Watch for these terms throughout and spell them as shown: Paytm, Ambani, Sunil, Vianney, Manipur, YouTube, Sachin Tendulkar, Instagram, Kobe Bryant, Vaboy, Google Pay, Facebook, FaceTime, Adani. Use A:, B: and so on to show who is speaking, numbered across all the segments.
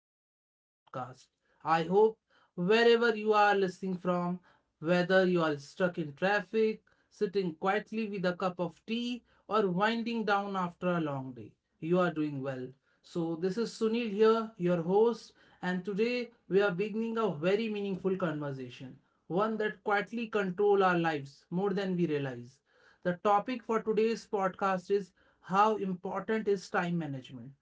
A: welcome to this podcast. I hope wherever you are listening from, whether you are stuck in traffic, sitting quietly with a cup of tea, or winding down after a long day, you are doing well. So, this is Sunil here, your host, and today we are beginning a very meaningful conversation, one that quietly control our lives more than we realize. The topic for today's podcast is how important is time management.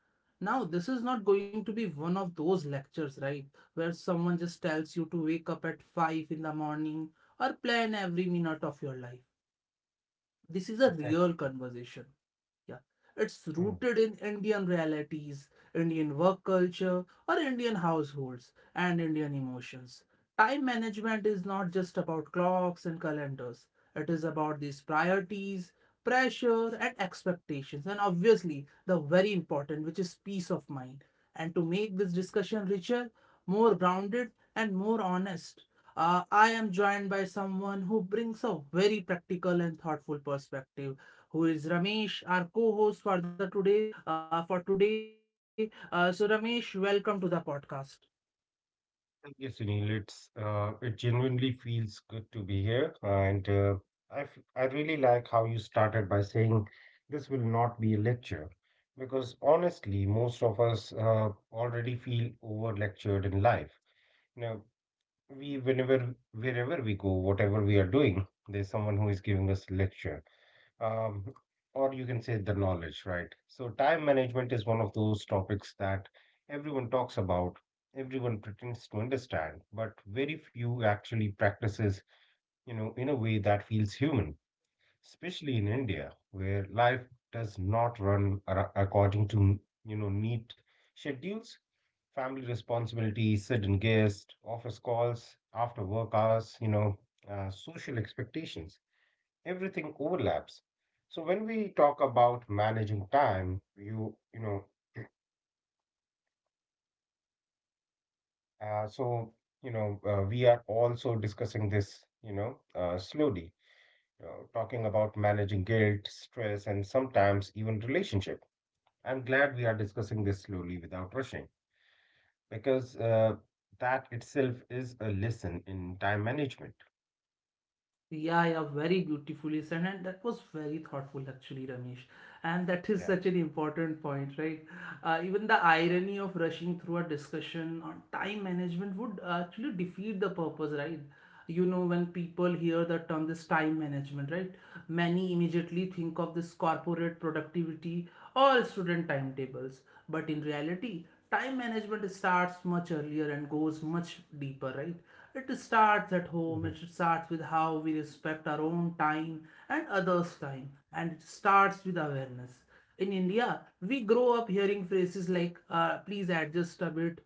A: Now, this is not going to be one of those lectures, right, where someone just tells you to wake up at 5 in the morning or plan every minute of your life. This is a real
B: Exactly.
A: conversation. Yeah. It's
B: Hmm.
A: rooted in Indian realities, Indian work culture, or Indian households and Indian emotions. Time management is not just about clocks and calendars, it is about these priorities, pressure, and expectations, and obviously the very important, which is peace of mind. And to make this discussion richer, more grounded, and more honest, I am joined by someone who brings a very practical and thoughtful perspective, who is Ramesh, our co-host for the today for today. So Ramesh, welcome to the podcast.
B: Thank you, Sunil. It genuinely feels good to be here, and I really like how you started by saying this will not be a lecture, because honestly, most of us already feel over lectured in life. You know, we whenever wherever we go, whatever we are doing, there's someone who is giving us a lecture. um, or you can say the knowledge, right? So time management is one of those topics that everyone talks about, everyone pretends to understand, but very few actually practices, you know, in a way that feels human, especially in India, where life does not run according to, you know, neat schedules. Family responsibilities, sudden guests, office calls, after work hours, social expectations, everything overlaps. So when we talk about managing time, so we are also discussing this, slowly, talking about managing guilt, stress, and sometimes even relationship. I'm glad we are discussing this slowly without rushing because that itself is a lesson in time management.
A: Yeah, yeah, very beautifully said, and that was very thoughtful actually, Ramesh. And that is
B: Yeah.
A: such an important point, right? Even the irony of rushing through a discussion on time management would actually defeat the purpose, right? You know, when people hear the term this time management, right, many immediately think of this corporate productivity or student timetables, but in reality time management starts much earlier and goes much deeper, right. It starts at
B: Hmm.
A: home, it starts with how we respect our own time and others time, and it starts with awareness. In India, we grow up hearing phrases like please adjust a bit,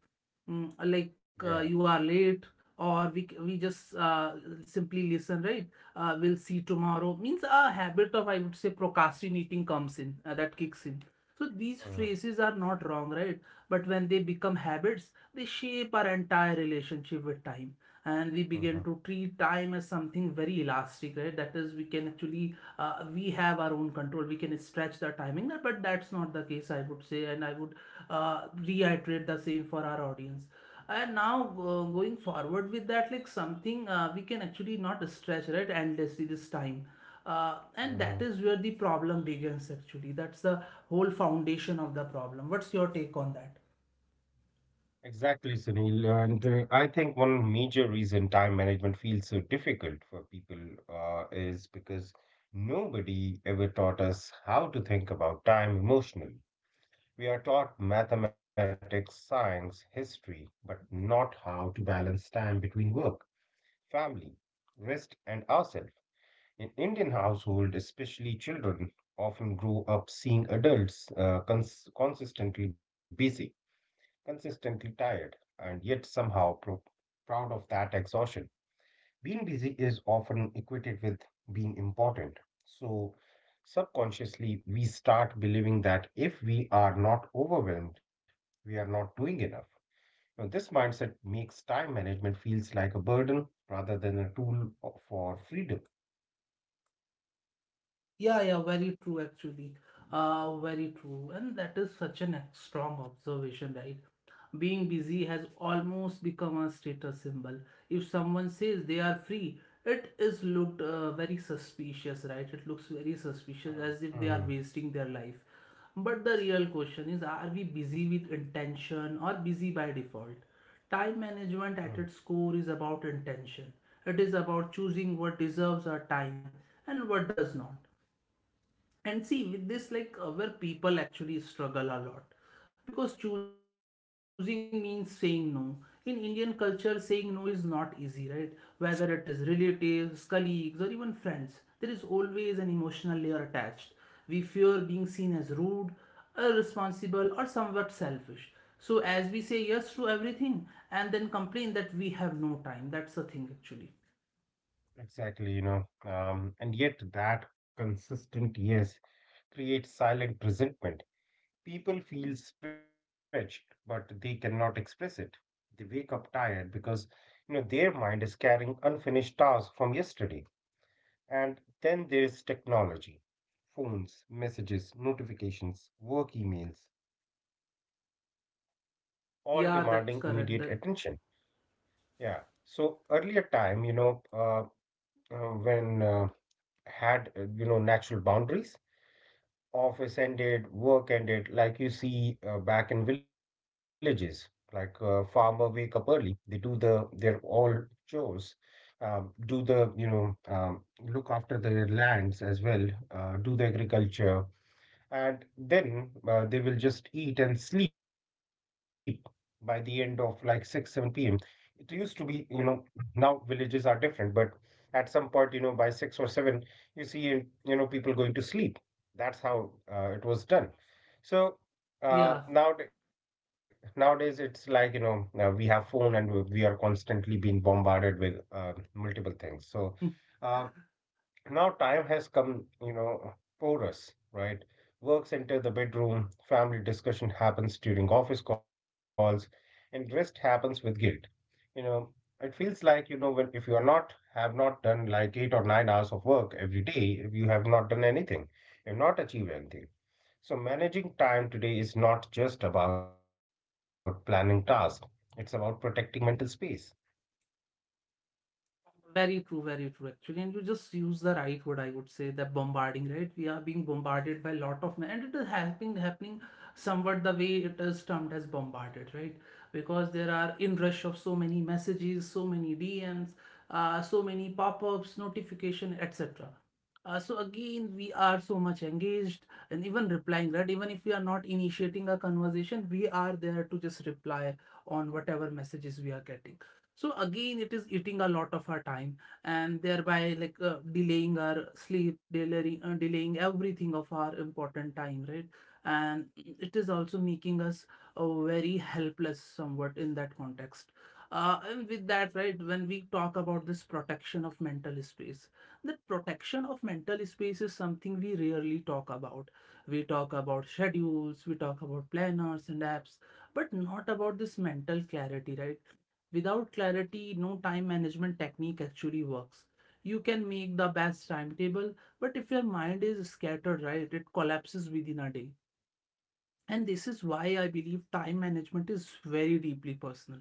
A: like
B: Yeah.
A: you are late, or we just simply listen, right. We'll see tomorrow means a habit of, I would say, procrastinating comes in, that kicks in. So these
B: Hmm.
A: phrases are not wrong, right, but when they become habits, they shape our entire relationship with time, and we
B: Hmm.
A: begin to treat time as something very elastic, right, that is, we can actually we have our own control, we can stretch the timing, but that's not the case, I would say, and I would reiterate the same for our audience. And now going forward with that, like something, we can actually not stretch right endlessly this time. And
B: Hmm.
A: that is where the problem begins actually. That's the whole foundation of the problem. What's your take on that?
B: Exactly, Sunil. And I think one major reason time management feels so difficult for people is because nobody ever taught us how to think about time emotionally. We are taught mathematics, science, history, but not how to balance time between work, family, rest, and ourselves. In Indian household, especially children often grow up seeing adults consistently busy, consistently tired, and yet somehow proud of that exhaustion. Being busy is often equated with being important. So, subconsciously, we start believing that if we are not overwhelmed, we are not doing enough. Now, this mindset makes time management feels like a burden rather than a tool for freedom.
A: Yeah, yeah, very true actually. Very true. And that is such an strong observation, right? Being busy has almost become a status symbol. If someone says they are free, it is looked very suspicious, right? It looks very suspicious
B: Mm,
A: as if they
B: mhm,
A: are wasting their life. But the real question is, are we busy with intention or busy by default? Time
B: mm.
A: management at its core is about intention. It is about choosing what deserves our time and what does not. And see, with this, like where people actually struggle a lot, because choosing means saying no. In Indian culture, saying no is not easy, right? Whether it is relatives, colleagues, or even friends, there is always an emotional layer attached. We fear being seen as rude, irresponsible, or somewhat selfish. So, as we say yes to everything and then complain that we have no time, that's the thing actually.
B: Exactly, you know, and yet that consistent yes creates silent resentment. People feel stretched, but they cannot express it. They wake up tired because, you know, their mind is carrying unfinished tasks from yesterday. And then there is technology. Phones, messages, notifications, work emails, all
A: Yeah,
B: demanding
A: that's
B: immediate
A: correct. That,
B: attention. Yeah. So earlier time, you know, when had you know natural boundaries, office ended, work ended, like you see, back in villages, like farmer wake up early, they do the their all chores, do the, you know, look after their lands as well, do the agriculture, and then they will just eat and sleep by the end of like 6 7 p.m, it used to be, you know. Now villages are different, but at some point, you know, by 6 or 7, you see, you know, people going to sleep. That's how it was done. So now
A: yeah.
B: nowadays it's like, you know, we have phone and we are constantly being bombarded with multiple things. So uh, now time has come, you know, for us, right? Works enter the bedroom, family discussion happens during office calls, and rest happens with guilt. You know, it feels like, you know, when if you are not, have not done like 8 or 9 hours of work every day, if you have not done anything, you have not achieved anything. So managing time today is not just about planning tasks, it's about protecting mental space.
A: Very true, actually. And you just use the right word, I would say, that bombarding, right? We are being bombarded by a lot of, men, and it is happening somewhat the way it is termed as bombarded, right? Because there are inrush of so many messages, so many DMs, so many pop-ups, notification, etc. So again, we are so much engaged and even replying, right? Even if we are not initiating a conversation, we are there to just reply on whatever messages we are getting. So again, it is eating a lot of our time, and thereby like delaying our sleep, delaying everything of our important time, right. And it is also making us very helpless somewhat in that context. And with that, right, when we talk about this protection of mental space, the protection of mental space is something we rarely talk about. We talk about schedules, we talk about planners and apps, but not about this mental clarity, right. Without clarity, no time management technique actually works. You can make the best timetable, but if your mind is scattered, right, it collapses within a day. And this is why I believe time management is very deeply personal.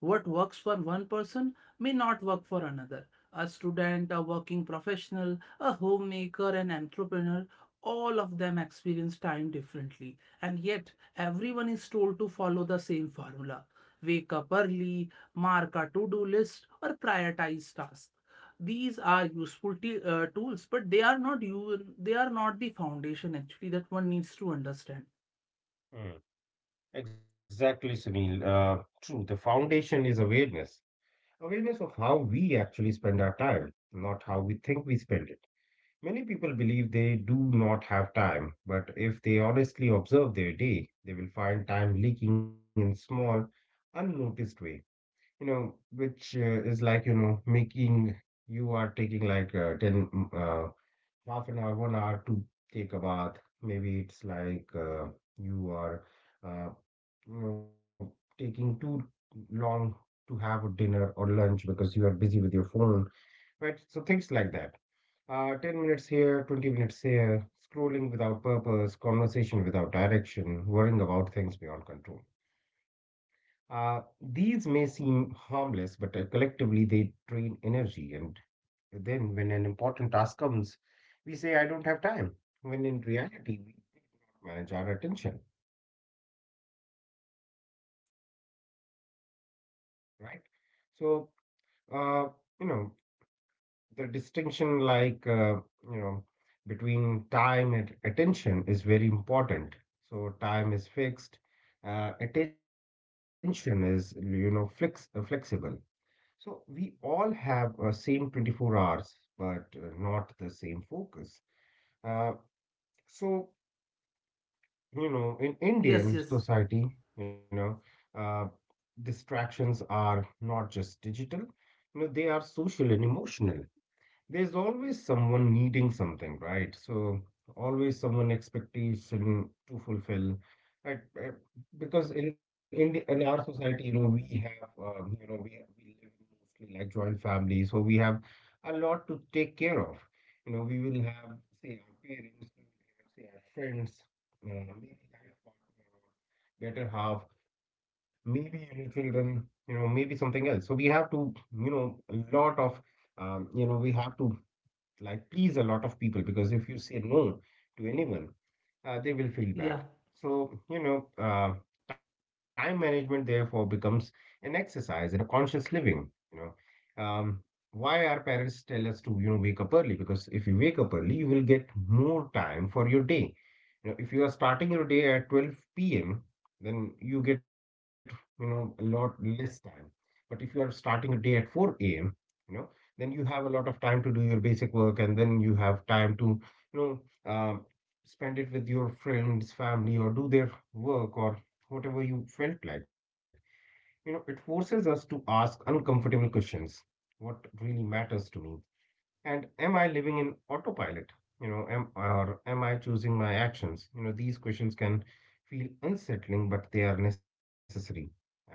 A: What works for one person may not work for another. A student, a working professional, a homemaker, an entrepreneur, all of them experience time differently. And yet, everyone is told to follow the same formula: wake up early, mark a to do list, or prioritize tasks. These are useful tools, but they are not you. They are not the foundation actually that one needs to understand.
B: Hmm. Exactly, Sunil. True. The foundation is awareness. Awareness of how we actually spend our time, not how we think we spend it. Many people believe they do not have time, but if they honestly observe their day, they will find time leaking in small, unnoticed way. You know, which is like, you know, making you are taking like ten uh, half an hour, 1 hour to take a bath. Maybe it's like you are, uh, you know, taking too long to have a dinner or lunch because you are busy with your phone, right? So things like that. 10 minutes here, 20 minutes here, scrolling without purpose, conversation without direction, worrying about things beyond control. These may seem harmless, but collectively they drain energy, and then, when an important task comes, we say, I don't have time, when in reality, we manage our attention, right? So, uh, you know, the distinction, like, you know, between time and attention is very important. So time is fixed, attention is, you know, flexible. So we all have same 24 hours, but not the same focus. Uh, so, you know, in
A: Yes,
B: Indian
A: yes.
B: society, you know, uh, distractions are not just digital, you know, they are social and emotional. There's always someone needing something, right? So always someone expectation to fulfill, right? Because in our society, you know, we have, you know, we live mostly like joint families, so we have a lot to take care of. You know, we will have say our parents, we will have say our friends, maybe life partner, or better half, maybe your children. You know, maybe something else. So we have to, you know, a lot of, you know, we have to like please a lot of people, because if you say no to anyone, they will feel bad.
A: Yeah.
B: So, you know, time management therefore becomes an exercise in a conscious living, you know. Why our parents tell us to, you know, wake up early? Because if you wake up early, you will get more time for your day. You know, if you are starting your day at 12 p.m., then you get, you know, a lot less time. But if you are starting your day at 4 a.m., you know, then you have a lot of time to do your basic work, and then you have time to, you know, spend it with your friends, family, or do their work, or whatever you felt like. You know, it forces us to ask uncomfortable questions. What really matters to me, and am I living in autopilot? You know, am or am I choosing my actions? You know, these questions can feel unsettling, but they are necessary. And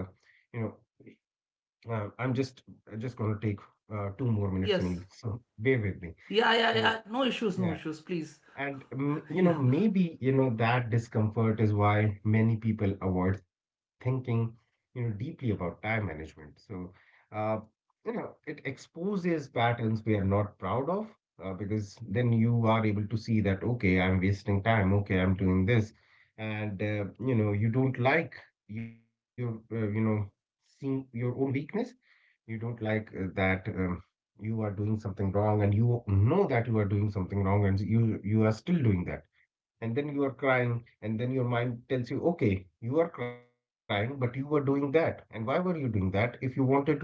B: you know, uh, I'm just I'm just going to take 2 more minutes,
A: Yes.
B: Sunil. So bear with me.
A: Yeah, yeah, yeah.
B: So
A: No issues, no
B: yeah,
A: issues, please.
B: and mm,
A: Yeah.
B: you know, maybe you know that discomfort is why many people avoid thinking, you know, deeply about time management. So uh, you know, it exposes patterns we are not proud of, because then you are able to see that okay, I'm wasting time. Okay, I'm doing this, and you know, you don't like your you know, seeing your own weakness. You don't like that you are doing something wrong, and you know that you are doing something wrong, and you are still doing that. And then you are crying and then your mind tells you, okay, you are crying but you were doing that, and why were you doing that if you wanted to do this?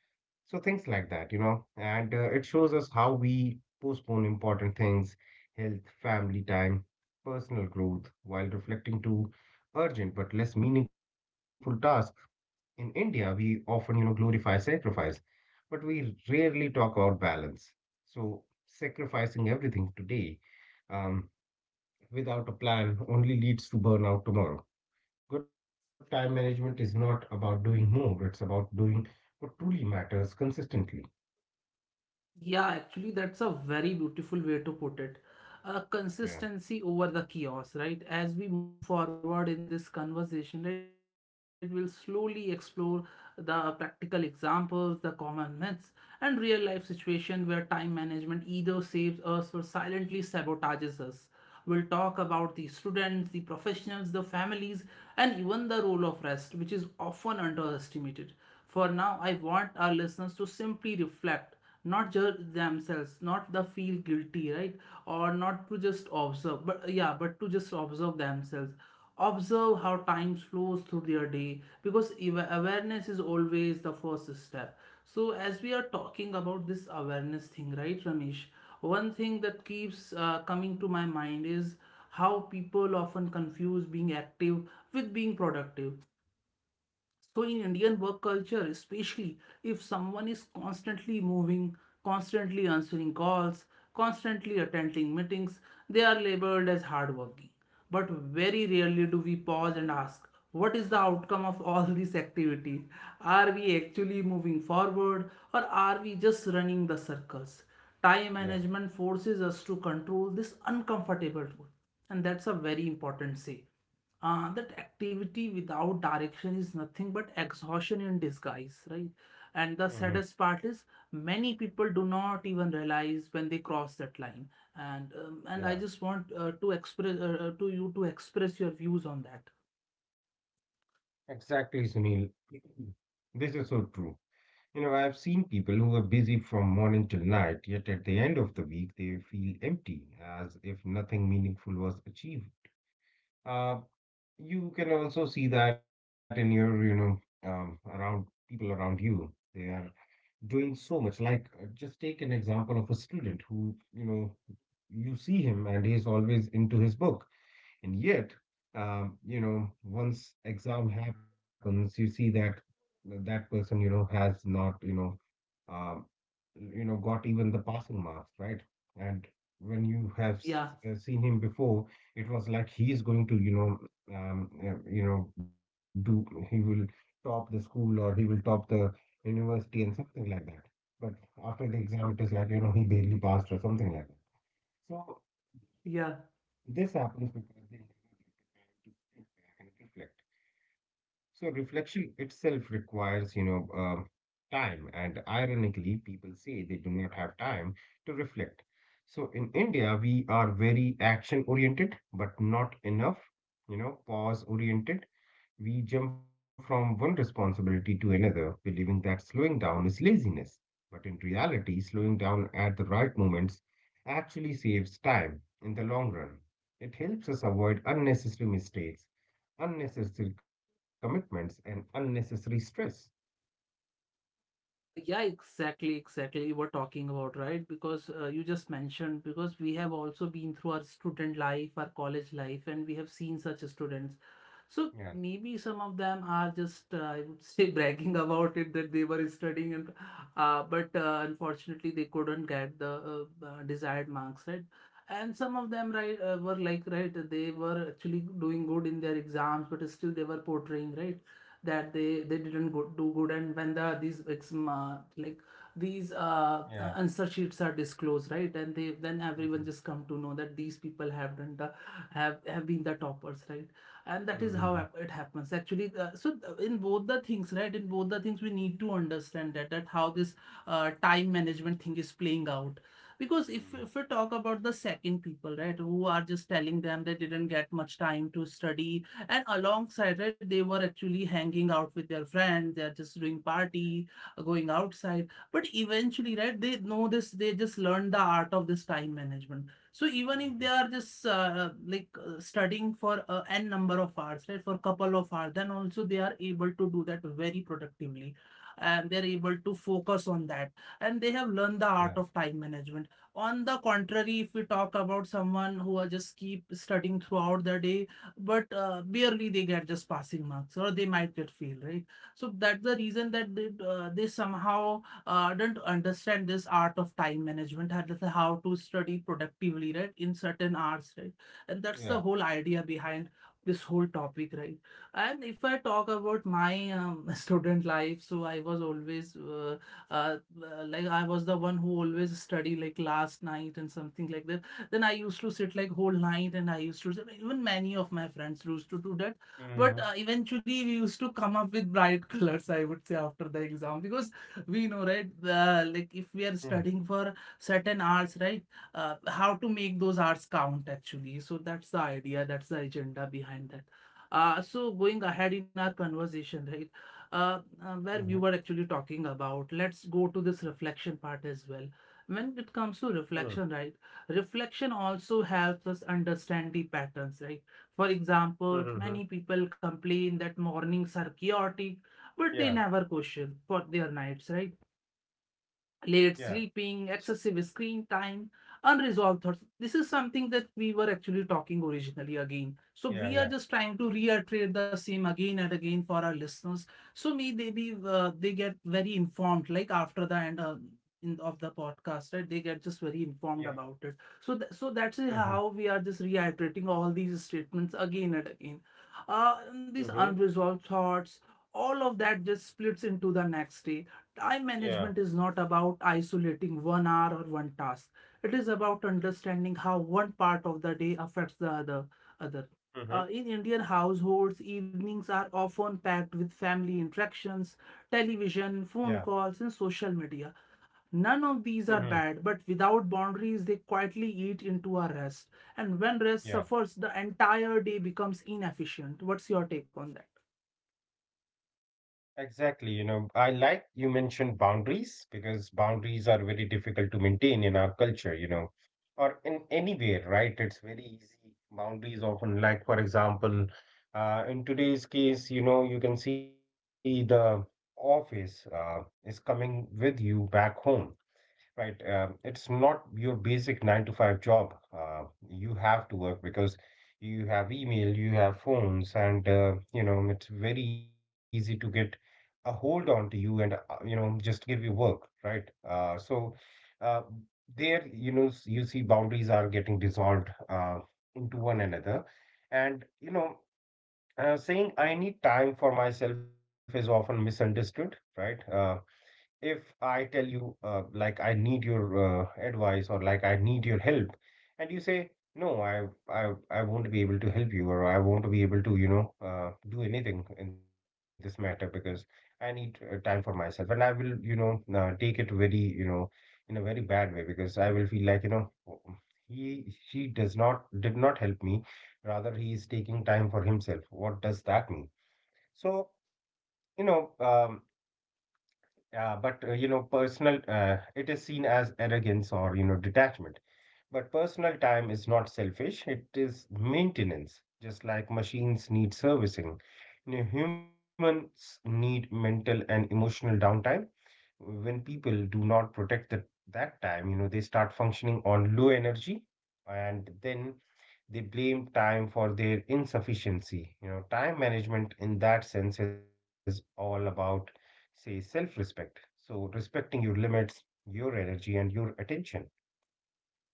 B: So things like that, you know. And it shows us how we postpone important things, health, family time, personal growth, while reflecting to urgent but less meaningful tasks. In India, we often, you know, glorify sacrifice, but we rarely talk about balance. So sacrificing everything today, um, without a plan only leads to burnout tomorrow. Good time management is not about doing more, it's about doing what truly matters consistently.
A: Yeah, actually, that's a very beautiful way to put it.
B: Yeah,
A: Consistency over the chaos, right? As we move forward in this conversation, right, we'll slowly explore the practical examples, the common myths, and real life situation where time management either saves us or silently sabotages us. We'll talk about the students, the professionals, the families, and even the role of rest, which is often underestimated. For now, I want our listeners to simply reflect, not judge themselves, not the feel guilty, right? Or not to just observe, but yeah, but to just observe themselves, observe how time flows through their day, because awareness is always the first step. So as we are talking about this awareness thing, right, Ramesh, one thing that keeps coming to my mind is how people often confuse being active with being productive. So, in Indian work culture, especially, if someone is constantly moving, constantly answering calls, constantly attending meetings, they are labeled as hardworking. But very rarely do we pause and ask, what is the outcome of all this activity? Are we actually moving forward or are we just running the circles? Time
B: yeah.
A: management forces us to control this uncomfortable truth, and that's a very important say, that activity without direction is nothing but exhaustion in disguise, right? And the
B: Hmm.
A: saddest part is many people do not even realize when they cross that line. And
B: Yeah,
A: I just want to express your views on that.
B: exactly, Sunil. This is so true. You know, I've seen people who are busy from morning till night, yet at the end of the week they feel empty, as if nothing meaningful was achieved. Uh, you can also see that in your, you know, around people around you. They are doing so much. Like, just take an example of a student who, you know, you see him and he's always into his book, and yet, you know, once exam happens, you see that that person, you know, has not, you know, um, you know, got even the passing marks, right? And when you have
A: Yeah,
B: seen him before, it was like he is going to, you know, do, he will top the school or he will top the university and something like that. But after the exam, it is like, you know, he barely passed or something like that. So
A: yeah.
B: this happens because they never get the time to sit back and reflect. So reflection itself requires, you know, time, and ironically, people say they do not have time to reflect. So in India, we are very action oriented, but not enough, you know, pause oriented. We jump from one responsibility to another, believing that slowing down is laziness. But in reality, slowing down at the right moments actually saves time in the long run. It helps us avoid unnecessary mistakes, unnecessary commitments, and unnecessary stress.
A: Yeah, exactly, exactly. You were talking about, right? Because you just mentioned, because we have also been through our student life, our college life, and we have seen such students. So
B: Yeah,
A: maybe some of them are just, I would say, bragging about it that they were studying, and but unfortunately they couldn't get the desired marks, right? And some of them, right, were like, right, they were actually doing good in their exams, but still they were portraying, right, that they didn't go, do good. And when the these ex- like these
B: yeah.
A: answer sheets are disclosed, right, and they then
B: Mhm,
A: everyone just come to know that these people have done the have been the toppers, right. And that
B: mhm,
A: is how
B: mhm,
A: it happens actually. So in both the things, right, in both the things we need to understand that how this time management thing is playing out.
B: yeah,
A: Because if we talk about the second people, right, who are just telling them they didn't get much time to study, and alongside it, they were actually hanging out with their friends. They're just doing party, going outside. But eventually, right, they know this. They just learn the art of this time management. So even if
B: mhm,
A: they are just studying for n number of hours, right, for a couple of hours, then also they are able to do that very productively, and they're able to focus on that. And they have
B: yeah,
A: learned the art of time management. On the contrary, if we talk about someone who are just keep studying throughout the day, but barely they get just passing marks, or they might get fail, right? So that's the reason that they somehow don't understand this art of time management, how study productively, right, in certain hours, right? And that's
B: yeah.
A: the whole idea behind this whole topic, right? And if I talk about my student life, so I was always uh, like I was the one who always study like last night and something like that. Then I used to sit like whole night and I used to, even many of my friends used to do that. But
B: Mhm,
A: eventually we used to come up with bright colors, I would say, after the exam, because we know, right? The, like if we
B: mhm,
A: are studying for certain hours, right? How to make those hours count actually. So that's the idea, that's the agenda behind that. So going ahead in our conversation, right?
B: mhm,
A: Where we were actually talking about. Let's go to this reflection part as well. When it comes to
B: mhm,
A: reflection, right? Reflection also helps us understand the patterns, right? For example,
B: mhm,
A: many people complain that mornings are
B: yeah,
A: chaotic, but they never question for their nights, right?
B: yeah.
A: Late
B: So,
A: sleeping, excessive screen time, unresolved thoughts. This is something that we were actually talking originally again.
B: yeah,
A: So
B: yeah,
A: we are just trying to reiterate the same again and again for our listeners. So may they be they get very informed, like after the end in, of the podcast, right? They get just very
B: yeah.
A: informed about it. So so that's
B: Hmm.
A: how we are just reiterating all these statements again and again. And these
B: Hmm.
A: unresolved thoughts, all of that just splits into the next day. Time
B: Yeah.
A: management is not about isolating 1 hour or one task. It is about understanding how one part of the day affects the other.
B: Mm-hmm.
A: In Indian households, evenings are often packed with family interactions,
B: Yeah.
A: television, phone calls, and social media. None of
B: Mm-hmm.
A: these are bad, but without boundaries, they quietly eat into our rest. And when
B: Yeah.
A: rest suffers, the entire day becomes inefficient. What's your take on that?
B: Exactly. I like you mentioned boundaries because boundaries are very difficult to maintain in our culture, or in anywhere, right? It's very easy. Boundaries often, like, for example, in today's case, you can see the office is coming with you back home. Right. It's not your basic nine to five job. You have to work because you have email, you have phones, and it's very easy to get a hold on to you and just give you work, right? So uh, there, you know, s- you see boundaries are getting dissolved into one another, and saying I need time for myself is often misunderstood, right? If I tell you, like, I need your advice or like I need your help, and you say, no, I won't be able to help you or I won't be able to, do anything in this matter because I need time for myself, and I will, take it very, in a very bad way because I will feel like, "Oh, he, she does not, did not help me. Rather, he is taking time for himself. What does that mean?" So, you know, um, yeah, but it is seen as arrogance or, detachment. But personal time is not selfish, it is maintenance, just like machines need servicing. You know, humans need mental and emotional downtime. When people do not protect that time, they start functioning on low energy and then they blame time for their insufficiency. You know, time management in that sense is all about, say, self respect. So, respecting your limits, your energy, and your attention.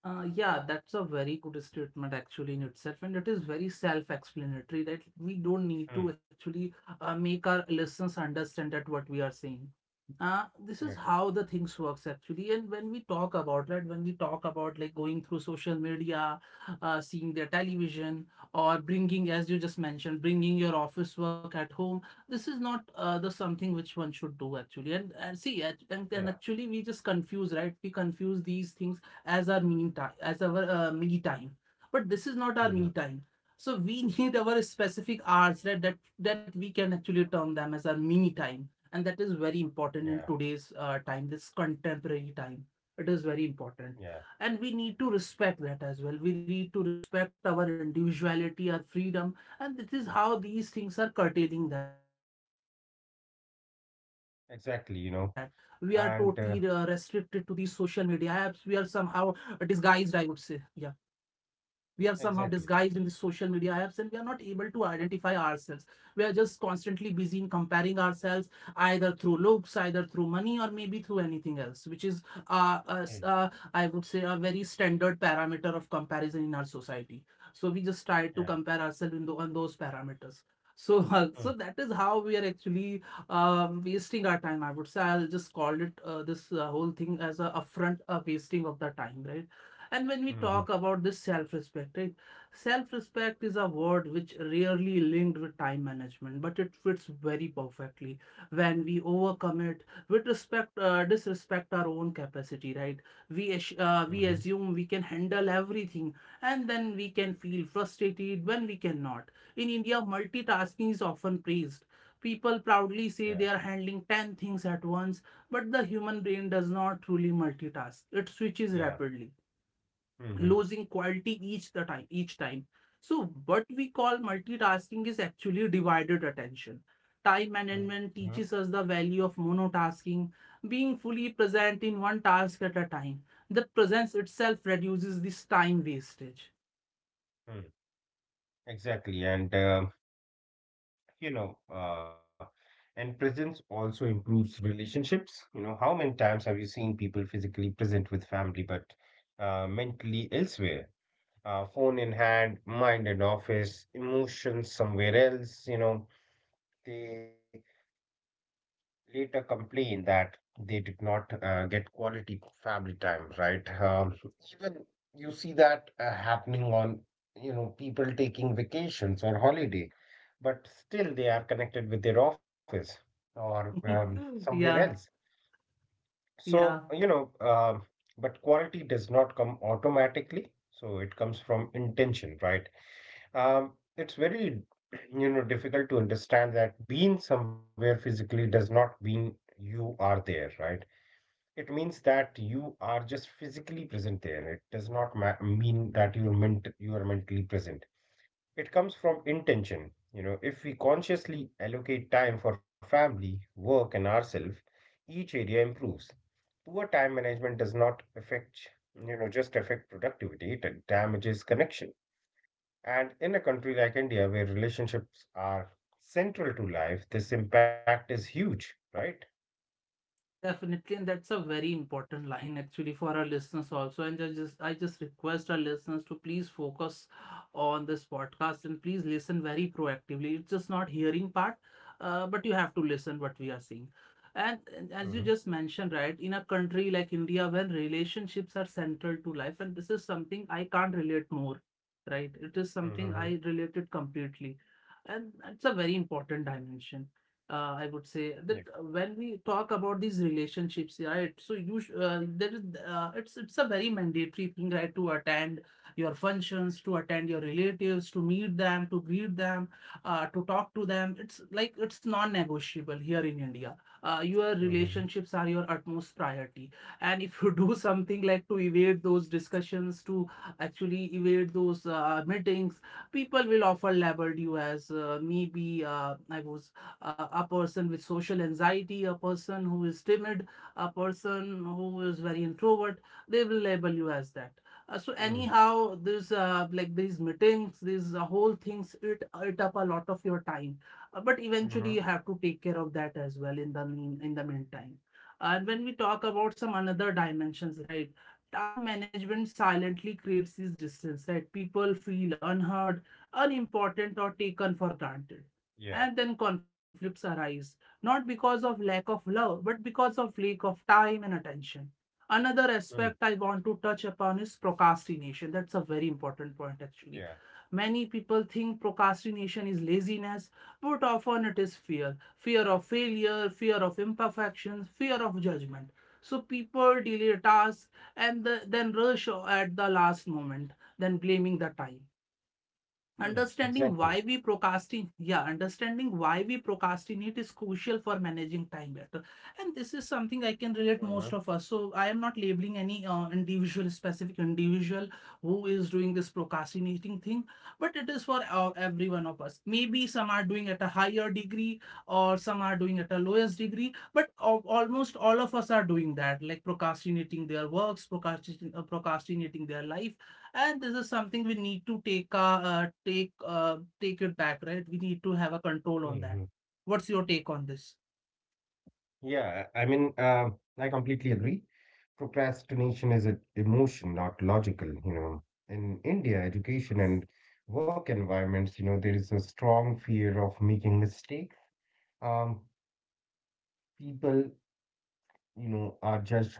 A: Yeah, that's a very good statement actually in itself, and it is very self-explanatory that we don't need
B: Hmm.
A: to actually make our listeners understand that what we are saying.
B: Yeah.
A: This is how the things works actually, and when we talk about that, when we talk about like going through social media, seeing their television, or bringing, as you just mentioned, bringing your office work at home, this is not the something which one should do actually. And see, and,
B: Yeah.
A: and and actually we just confuse, right? We confuse these things as our me time, as our me time, but this is not
B: Hmm.
A: our me time. So we need our specific hours, right, that we can actually term them as our mini time. And that is very
B: Yeah.
A: important in today's time, this contemporary time. It is very
B: Yeah.
A: important, and we need to respect that as well. We need to respect our individuality, our freedom, and this is how these things are curtailing that. We are totally restricted to these social
B: Exactly.
A: media apps. We are somehow
B: And
A: disguised, I would say. Yeah, we are somehow disguised in the social media apps, and we are
B: exactly.
A: not able to identify ourselves. We are just constantly busy in comparing ourselves, either through looks, either through money, or maybe through anything else, which is uh, uh, s- uh,
B: Mm.
A: I would say a very standard parameter of comparison in our society. So we just try to compare
B: Yeah.
A: ourselves in on those parameters. So so that
B: Mm.
A: is how we are actually wasting our time, I would say. I'll just call it this whole thing as a upfront wasting of the time, right? And when we
B: Hmm.
A: talk about this self respect, right? Self respect is a word which rarely linked with time management, but it fits very perfectly when we overcome it with respect, disrespect our own capacity, right? We, ass-
B: Hmm.
A: uh, we assume we can handle everything, and then we can feel frustrated when we cannot. In India, multitasking is often praised. People
B: Yeah.
A: proudly say they are handling 10 things at once, but the human brain does not truly multitask. It switches
B: Yeah.
A: rapidly,
B: Hmm.
A: losing quality each time. So what we call multitasking is actually divided attention. Time
B: Hmm.
A: management teaches us the value of monotasking, being fully present in one task at a time. The presence itself reduces this time wastage.
B: Hmm. Exactly. You know, uh, and presence also improves relationships. How many times have you seen people physically present with family, but mentally elsewhere? Phone in hand, mind in office, emotions somewhere else. They later complain that they did not get quality family time, right? Even you see that happening on, people taking vacations or holiday, but still they are connected with their office or somewhere
A: Yeah,
B: else.
A: yeah.
B: So, but quality does not come automatically. So it comes from intention, right? Um, it's very, difficult to understand that being somewhere physically does not mean you are there, right? It means that you are just physically present there. It does not ma mean that you are mentally present. It comes from intention. If we consciously allocate time for family, work, and ourselves, each area improves. Poor time management does not just affect productivity. It damages connection. And in a country like India, where relationships are central to life, this impact is huge, right?
A: Definitely, and that's a very important line actually for our listeners also. And I just request our listeners to please focus on this podcast and please listen very proactively. It's just not hearing part, but you have to listen what we are saying. And
B: Mm-hmm.
A: as you just mentioned, right, in a country like India, when relationships are central to life, and this is something I can't relate more, right? It is something
B: Mm-hmm.
A: I related completely, and it's a very important dimension I would
B: Yeah.
A: say. That when we talk about these relationships, right? So you there is it's a very mandatory thing, right? To attend your functions, to attend your relatives, to meet them, to greet them, to talk to them. It's like it's non-negotiable here in India. Your
B: Mm-hmm.
A: relationships are your utmost priority, and if you do something like to evade those discussions, to actually evade those meetings, people will often label you as maybe I was a person with social anxiety, a person who is timid, a person who is very introvert. They will label you as that. So
B: Mm-hmm.
A: anyhow, this like these meetings, these whole things eat up a lot of your time. But eventually,
B: Mm-hmm.
A: you have to take care of that as well in the meantime. And when we talk about some another dimensions, right? Time management silently creates this distance, right? People feel unheard, unimportant, or taken for granted.
B: Yeah.
A: And then conflicts arise, not because of lack of love, but because of lack of time and attention. Another
B: Mm.
A: aspect I want to touch upon is procrastination. That's a very important point, actually.
B: Yeah.
A: Many people think procrastination is laziness, but often it is fear of failure, fear of imperfection, fear of judgment. So people delay tasks and then rush at the last moment, then blaming the time.
B: Mm.
A: Understanding
B: Exactly.
A: why we procrastinate, yeah, understanding why we procrastinate is crucial for managing time better. And this is
B: Mm-hmm.
A: something I can relate most of us. So I am not labeling any individual, specific individual who is doing this procrastinating thing, but it is for every one of us. Maybe some are doing at a higher degree, or some are doing at a lowest degree, but almost all of us are doing that, like procrastinating their works, procrastinating, procrastinating their life. And this is something we need to take take it back, right? We need to have a control
B: Mm-hmm.
A: on that. What's your take on this?
B: Yeah. I mean, I completely agree. Procrastination is an emotion, not logical. In India, education and work environments, there is a strong fear of making mistakes. Um, People, are judged harshly,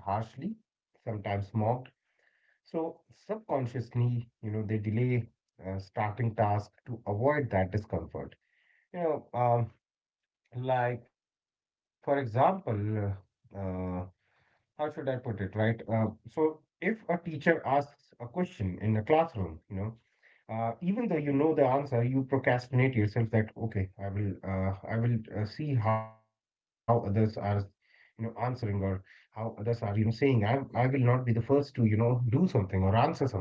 B: sometimes mocked. So subconsciously, they delay starting tasks to avoid that discomfort. You know, um, like for example, uh, uh, how should I put it, right? So if a teacher asks a question in a classroom, even though you know the answer, you procrastinate yourself that, okay, I will see how others are, answering or how others are, saying, I will not be the first to, do something or answer something.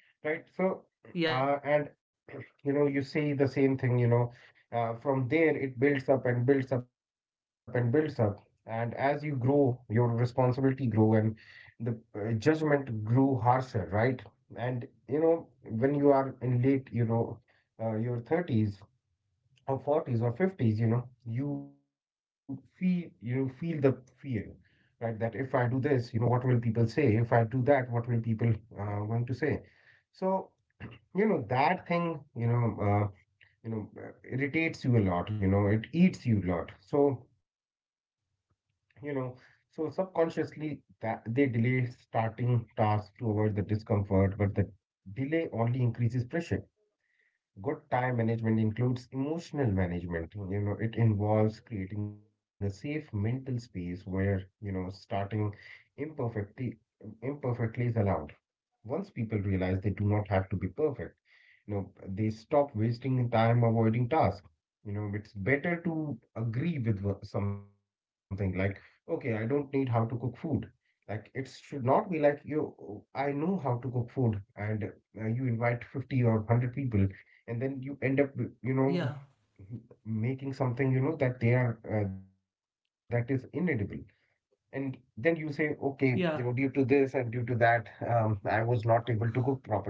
B: Right. So,
A: Yeah.
B: and you see the same thing, from there it builds up and builds up and builds up. And as you grow, your responsibility grow and the judgment grew harsher, right? And when you are in late, your 30s or 40s or 50s, you feel the fear, right? That if I do this, what will people say? If I do that, what will people going to say? So, that thing, irritates you a lot. You know it eats you a lot. So you know so subconsciously that they delay starting tasks to avoid the discomfort, but the delay only increases pressure. Good time management includes emotional management. You know it involves creating a safe mental space where, starting imperfectly imperfectly, is allowed. Once people realize they do not have to be perfect, you know, they stop wasting time avoiding tasks. It's better to agree with something like, okay, I don't need how to cook food. Like, it should not be like you, "Oh, I know how to cook food, and you invite 50 or 100 people, and then you end up, with,
A: Yeah,
B: making something, that that is inedible. And then you say, okay, due
A: yeah.
B: to this and due to that, I was not able to cook properly."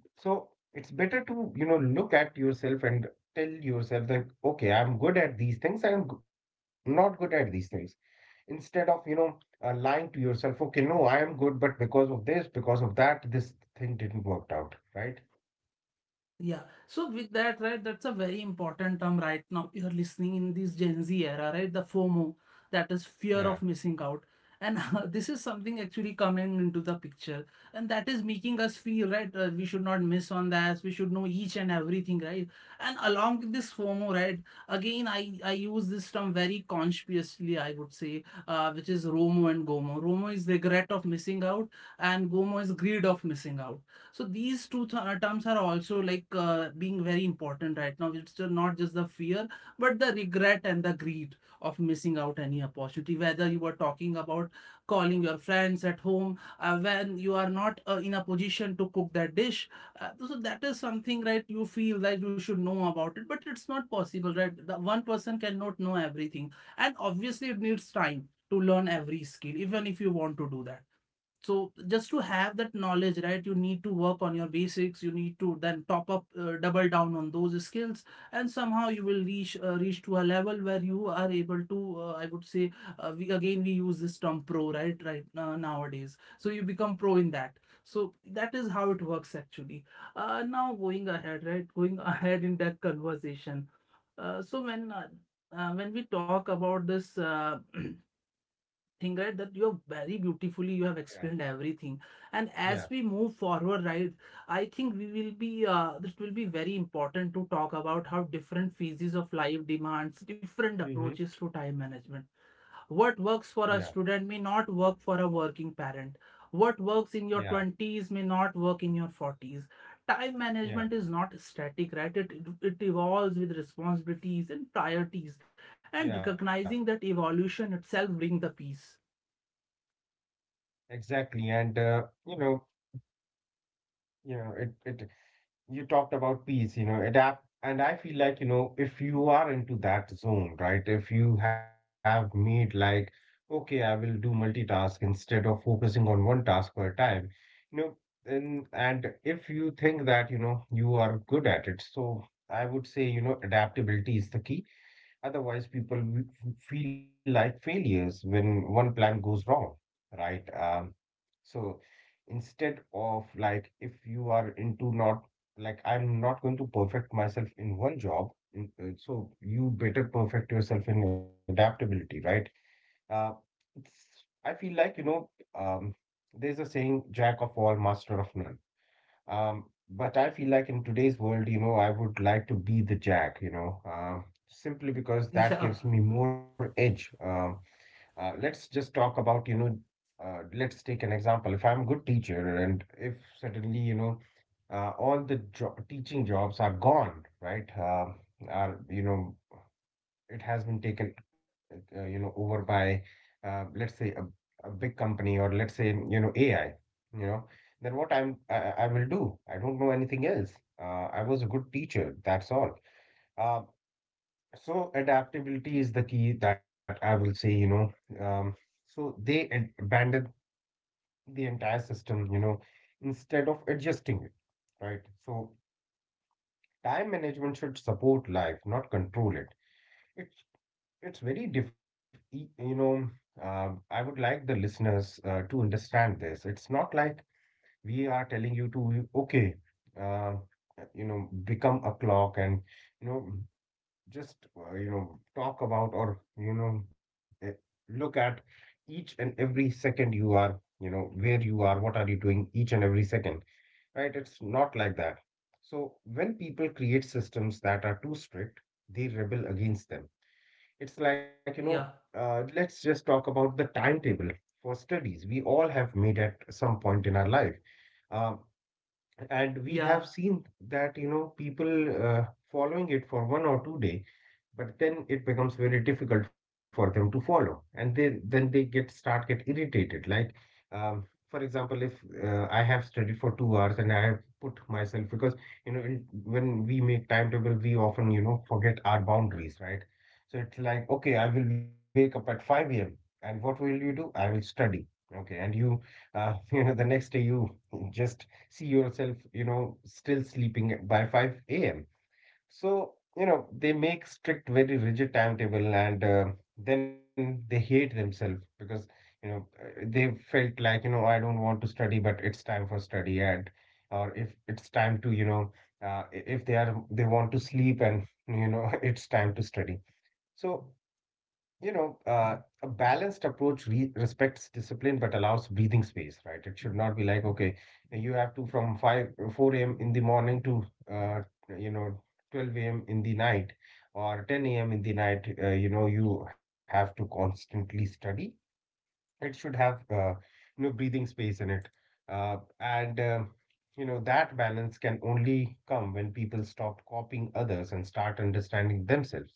B: So it's better to, look at yourself and tell yourself that, okay, I'm good at these things, I'm not good at these things. Instead of, lying to yourself, "Okay, no, I am good, but because of this, because of that, this thing didn't work out," right?
A: Yeah. So with that, right, that's a very important term right now. You're listening in this Gen Z era, right? The FOMO,
B: Yeah,
A: that is fear of missing out. And this is something actually coming into the picture. And that is making us feel, right? Uh, we should not miss on that. We should know each and everything, right? And along with this FOMO, right? Again, I use this term very consciously, I would say, which is ROMO and GOMO. ROMO is regret of missing out, and GOMO is greed of missing out. So these two terms are also like being very important right now. It's not just the fear, but the regret and the greed of missing out any opportunity. Whether you were talking about calling your friends at home when you are not in a position to cook that dish, so that is something, right? You feel that you should know about it, but it's not possible, right? The one person cannot know everything, and obviously it needs time to learn every skill, even if you want to do that. So just to have that knowledge, right, you need to work on your basics. You need to then top up, double down on those skills, and somehow you will reach to a level where you are able to, I would say, we, again we use this term pro, right, nowadays, so you become pro in that. So that is how it works actually. Now going ahead, right, going ahead in that conversation, uh, so when uh, when we talk about this, thing, right, that you have very beautifully you have
B: yeah,
A: explained everything, and
B: yeah.
A: as we move forward, right, I think we will be, this will be very important to talk about how different phases of life demands different
B: Mm-hmm.
A: approaches to time management. What
B: Yeah,
A: works for a student may not work for a working parent. What works
B: yeah,
A: in your 20s may not work in your 40s. Time
B: yeah,
A: management is not static, right? It evolves with responsibilities and priorities, and
B: yeah.
A: recognizing that evolution itself brings the peace.
B: Exactly. And you know, it it you talked about peace, adapt. And I feel like, if you are into that zone, right? If you have made like, okay, I will do multitask instead of focusing on one task per time, you know, and, if you think that, you are good at it, so I would say, adaptability is the key. Otherwise, people will feel like failures when one plan goes wrong, right? So instead of like, if you are into not, like, I'm not going to perfect myself in one job, so you better perfect yourself in adaptability, right? Uh, it's I feel like, um, there's a saying, jack of all, master of none. But I feel like in today's world, I would like to be the jack, simply because that
A: Yeah,
B: gives me more edge. Let's just talk about, let's take an example. If I'm a good teacher, and if suddenly, all the teaching jobs are gone, right? Are you know It has been taken over by, let's say, a, big company, or let's say, AI, you know then what I will do? I don't know anything else. I was a good teacher, that's all. uh, so adaptability is the key, that I will say. Um, so they abandon the entire system, instead of adjusting it, right? So time management should support life, not control it. It's it's very diff, e- you know. I would like the listeners to understand this. It's not like we are telling you to, uh, become a clock and, you know just, talk about, or, look at each and every second, you are, where you are, what are you doing each and every second. Right, it's not like that. So when people create systems that are too strict, they rebel against them. It's like,
A: yeah,
B: let's just talk about the timetable for studies we all have made at some point in our life. Uh,
A: yeah,
B: and we have seen that, people following it for 1 or 2 day, but then it becomes very difficult for them to follow, and they then they get irritated, like, um, for example, if I have studied for 2 hours and I have put myself, because, when we make timetable, we often, forget our boundaries, right? So it's like, okay, I will wake up at 5 a.m., and what will you do? I will study. Okay, and you, the next day you just see yourself, still sleeping by 5 a.m. So, they make strict, very rigid timetable and then they hate themselves because, they felt like, I don't want to study, but it's time for study. And or if it's time to, if they want to sleep, and it's time to study. So, you know, uh, a balanced approach re respects discipline but allows breathing space, right? It should not be like, okay, you have to from 5, 4 a.m. in the morning to, uh, you know, 12 a.m. in the night or 10 a.m. in the night, you have to constantly study. It should have, breathing space in it. Uh, and, uh, that balance can only come when people stop copying others and start understanding themselves.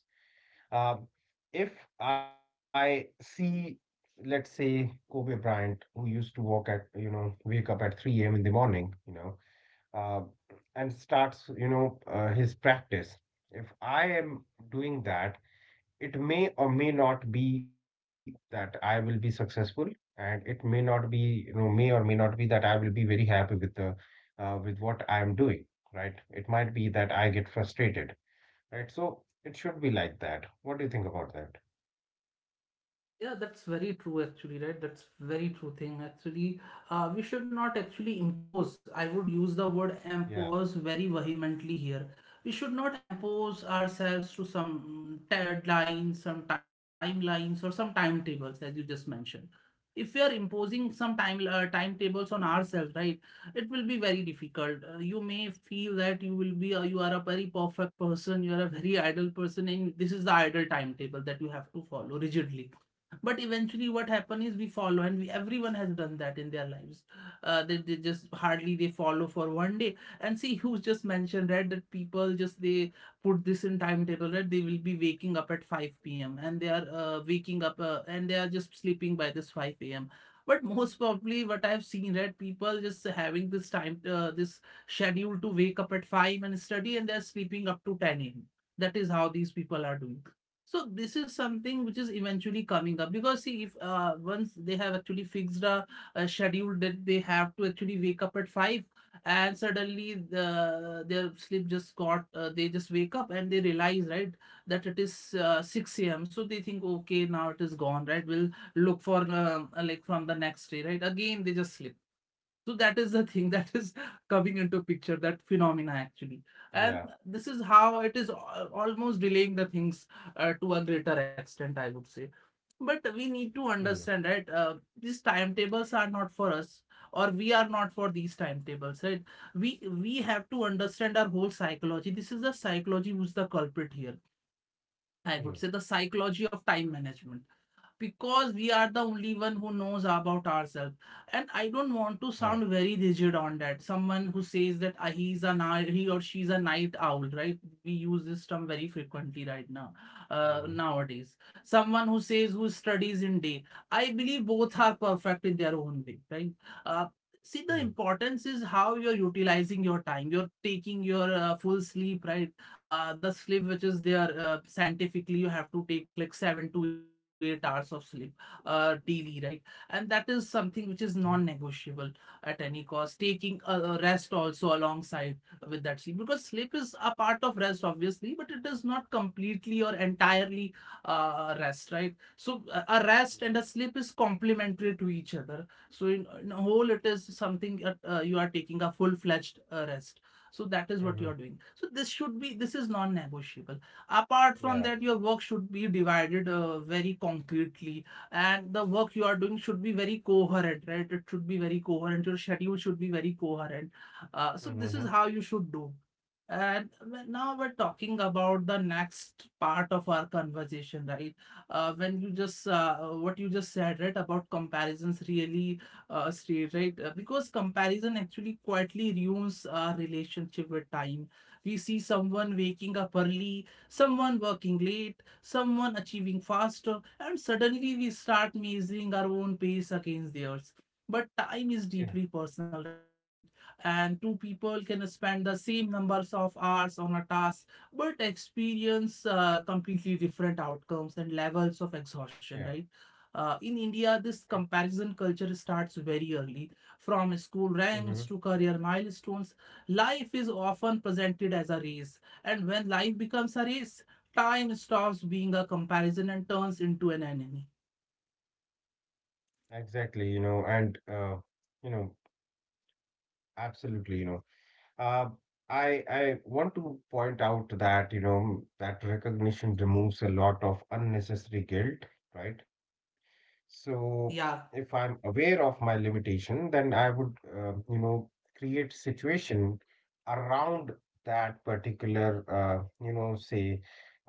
B: Um, if I see, let's say, Kobe Bryant, who used to walk at, wake up at 3 a.m. in the morning, uh, and starts, his practice. If I am doing that, it may or may not be that I will be successful, and it may not be, may or may not be that I will be very happy with the, with what I am doing, right? It might be that I get frustrated, right? So it should be like that. What do you think about that?
A: Yeah, that's very true actually, right? That's very true thing actually. We should not actually impose. I would use the word
B: Yeah,
A: impose very vehemently here. We should not impose ourselves to some deadlines, some timelines, or some timetables, as you just mentioned. If we are imposing some timetables on ourselves, right, it will be very difficult. You may feel that you will be, you are a very perfect person, you are a very idle person, and this is the idle timetable that you have to follow rigidly, but eventually what happen is we follow and everyone has done that in their lives. They just hardly they follow for one day, and see who's just mentioned right, that people just they put this in timetable, right, they will be waking up at 5 p.m. and they are, waking up, and they are just sleeping by this 5 a.m. But most probably what I've seen, right, people just having this time this schedule to wake up at 5 and study, and they're sleeping up to 10 a.m. That is how these people are doing. So this is something which is eventually coming up because see, if once they have actually fixed a schedule that they have to actually wake up at five, and suddenly their sleep just got, they just wake up and they realize, right, that it is, 6 a.m. So they think, okay, now it is gone, right, we'll look for like from the next day, right, again they just sleep. So that is the thing that is coming into picture, that phenomena actually. And
B: yeah.
A: this is how it is almost delaying the things, to a greater extent, I would say. But we need
B: Mm,
A: to understand that, these timetables are not for us, or we are not for these timetables, right? We have to understand our whole psychology. This is the psychology who's the culprit here. I would say
B: mm,
A: the psychology of time management, because we are the only one who knows about ourselves. And I don't want to
B: yeah.
A: sound very rigid on that. Someone who says that, "Ah, he or she's a night owl," right, we use this term very frequently right now,
B: Mhm,
A: nowadays. Someone who says who studies in day, I believe both are perfect in their own way, right? uh, See, the
B: mm,
A: importance is how you're utilizing your time, you're taking your full sleep, right? The sleep which is there, scientifically you have to take like 7 to 8 hours of sleep, daily, right? And that is something which
B: mhm,
A: is non-negotiable at any cost. Taking a rest also alongside with that sleep, because sleep is a part of rest, obviously, but it is not completely or entirely, rest, right? So a rest and
B: mhm,
A: a sleep is complementary to each other. So in a whole, it is something, you are taking a full-fledged, rest. So that is what you are
B: mhm,
A: doing. So this should be, this is non-negotiable. Apart from that, your
B: yeah.
A: work should be divided, very concretely, and the work you are doing should be very coherent, right? It should be very coherent. Your schedule should be very coherent. So this is
B: Mhm,
A: how you should do. And now we're talking about the next part of our conversation, right? When you just What you just said, right, about comparisons really, stay right. Because comparison actually quietly ruins our relationship with time. We see someone waking up early, someone working late, someone achieving faster, and suddenly we start measuring our own pace against theirs. But time is deeply
B: yeah,
A: personal, right? And two people can spend the same numbers of hours on a task, but experience, completely different outcomes and levels of exhaustion, right?
B: yeah.
A: In India, this
B: Eh,
A: comparison culture starts very early, from school ranks to
B: mhm.
A: career milestones. Life is often presented as a race, and when life becomes a race, time stops being a comparison and turns into an enemy.
B: Exactly, you know, absolutely, Uh, I want to point out that, that recognition removes a lot of unnecessary guilt, right? So if
A: Yeah,
B: I'm aware of my limitation, then I would, create situation around that particular, uh, you know, say,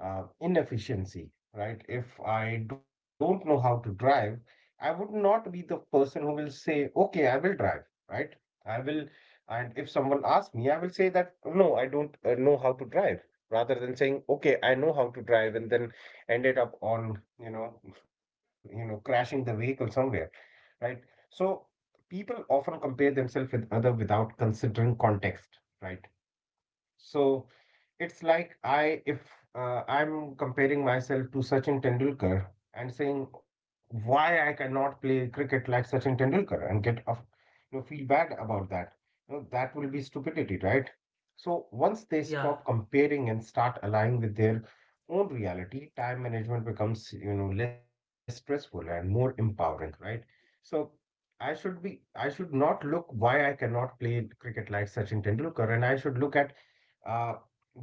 B: uh, inefficiency, right? If I don't know how to drive, I would not be the person who will say, okay, I will drive, right? I will, and if someone asks me, I will say that, no, I don't know how to drive, rather than saying, okay, I know how to drive, and then ended up on, crashing the vehicle somewhere, right? So people often compare themselves with other without considering context, right? So it's like I if I'm comparing myself to Sachin Tendulkar and saying why I cannot play cricket like Sachin Tendulkar and get off, feel bad about that. You know, that will be stupidity, right? So once they
A: yeah,
B: stop comparing and start aligning with their own reality, time management becomes, less stressful and more empowering, right? So I should not look why I cannot play cricket like Sachin Tendulkar, and I should look at uh,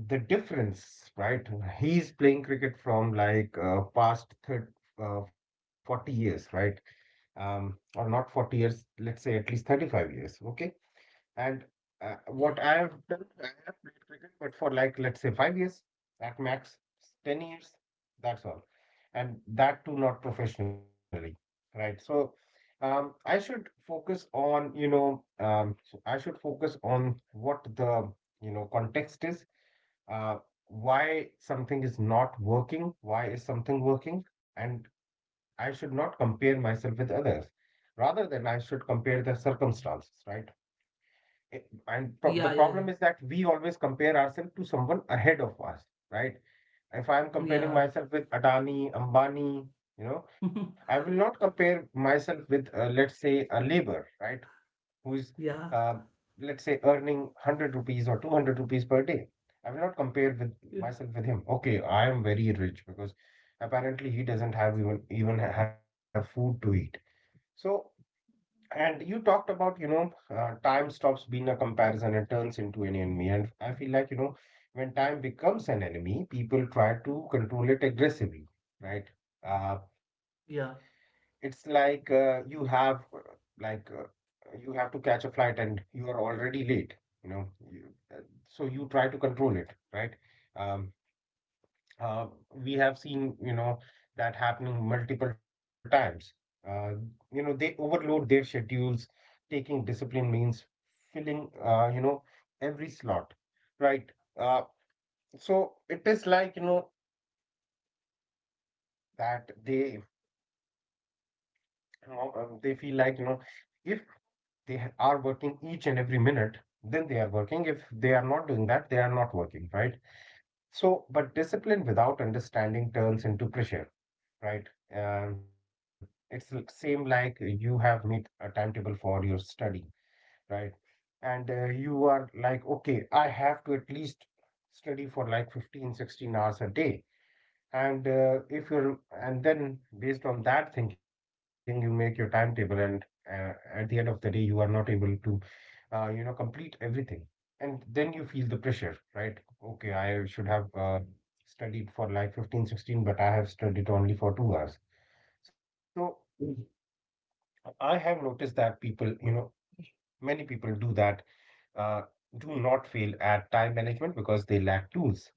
B: the difference, right? He's playing cricket from like past thir 40 years, right? Or not 40 years, let's say at least 35 years, okay? And what
A: yeah,
B: I have done, I have played cricket, but for like, let's say 5 years, at max, 10 years, that's all. And that too, not professionally, right? So I should focus on, I should focus on what the, context is, uh, why something is not working, why is something working, and I should not compare myself with others. Rather than I should compare the circumstances, right? I- And the
A: yeah,
B: problem is
A: yeah,
B: that we always compare ourselves to someone ahead of us, right? If I am comparing
A: yeah,
B: myself with Adani, Ambani,
A: yeah,
B: I will not compare myself with, let's say, a labor, right? who is, uh,
A: yeah,
B: let's say, earning 100 rupees or 200 rupees per day. I will not compare with myself with him. Okay, I am very rich because apparently he doesn't have even even have food to eat. So, and you talked about, time stops being a comparison and turns into an enemy. And I feel like, when time becomes an enemy, people try to control it aggressively, right? Uh,
A: yeah,
B: it's like you have like uh, you have to catch a flight and you are already late, you know. You, uh, so you try to control it, right? Um, uh, we have seen, that happening multiple times. Uh, you know, they overload their schedules. Taking discipline means filling, every slot, right? Uh, so it is like, that they, they feel like, if they are working each and every minute, then they are working. If they are not doing that, they are not working, right? So but discipline without understanding turns into pressure, right? It's same like you have made a timetable for your study, right? And you are like, okay, I have to at least study for like 15, 16 hours a day, and if you're and then based on that thinking you make your timetable, and at the end of the day you are not able to complete everything. And then you feel the pressure, right? Okay, I should have studied for like 15, 16, but I have studied only for 2 hours. So mhm. I have noticed that people, many people do that, uh, do not fail at time management because they lack tools,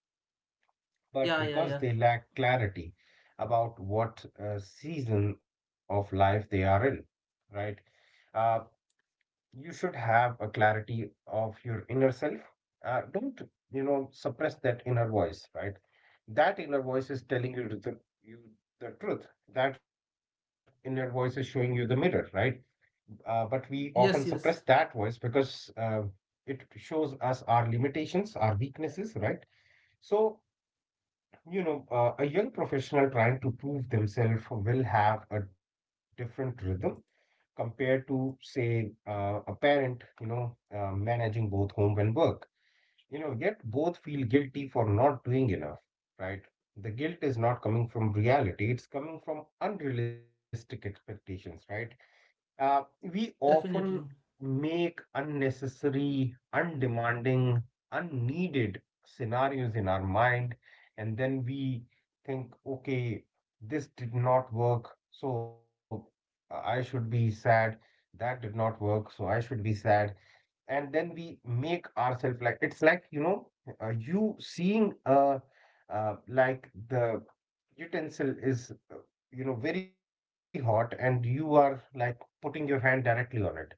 B: but
A: yeah, yeah,
B: because
A: yeah.
B: they lack clarity about what season of life they are in, right? Uh, you should have a clarity of your inner self. Don't suppress that inner voice, right? That inner voice is telling you you the truth. That inner voice is showing you the mirror, right? But we often suppress
A: Yes,
B: that
A: yes,
B: voice because it shows us our limitations, our weaknesses, right? So a young professional trying to prove themselves will have a different rhythm compared to, say, a parent, managing both home and work. Yet both feel guilty for not doing enough, right? The guilt is not coming from reality, it's coming from unrealistic expectations, right? We often
A: definitely.
B: make unnecessary, undemanding, unneeded scenarios in our mind, and then we think, okay, this did not work, so I should be sad. That did not work, so I should be sad. And then we make ourselves like, it's like you know you seeing like the utensil is, very hot, and you are like putting your hand directly on it.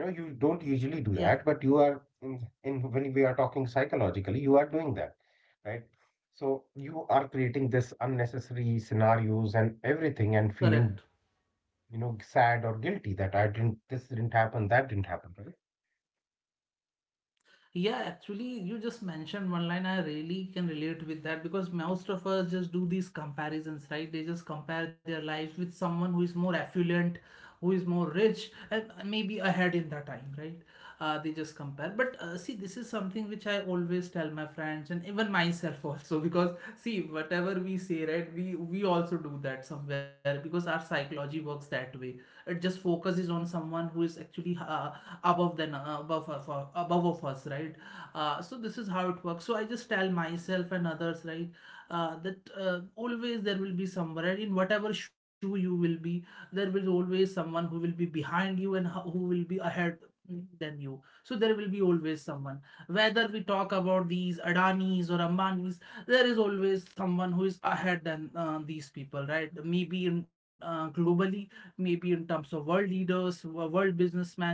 B: You know, you don't usually do
A: Yeah,
B: that, but you are in when we are talking psychologically you are doing that, right? So you are creating this unnecessary scenarios and everything
A: correct.
B: and feeling, sad or guilty that I didn't, this didn't happen, that didn't happen,
A: Yeah, actually, you just mentioned one line. I really can relate with that, because most of us just do these comparisons, right? They just compare their lives with someone who is more affluent, who is more rich, and maybe ahead in the time, right? They just compare. But see, this is something which I always tell my friends and even myself also, because see, whatever we say, right? We also do that somewhere because our psychology works that way. It just focuses on someone who is actually, above of us, right? So this is how it works. So I just tell myself and others, right, that, always there will be somewhere in whatever shoe you will be, there will always someone who will be behind you, and who will be ahead than you. So there will be always someone, whether we talk about these Adanis or Ambanis, there is always someone who is ahead than, these people, right? Maybe in, globally, maybe in terms of world leaders, world businessmen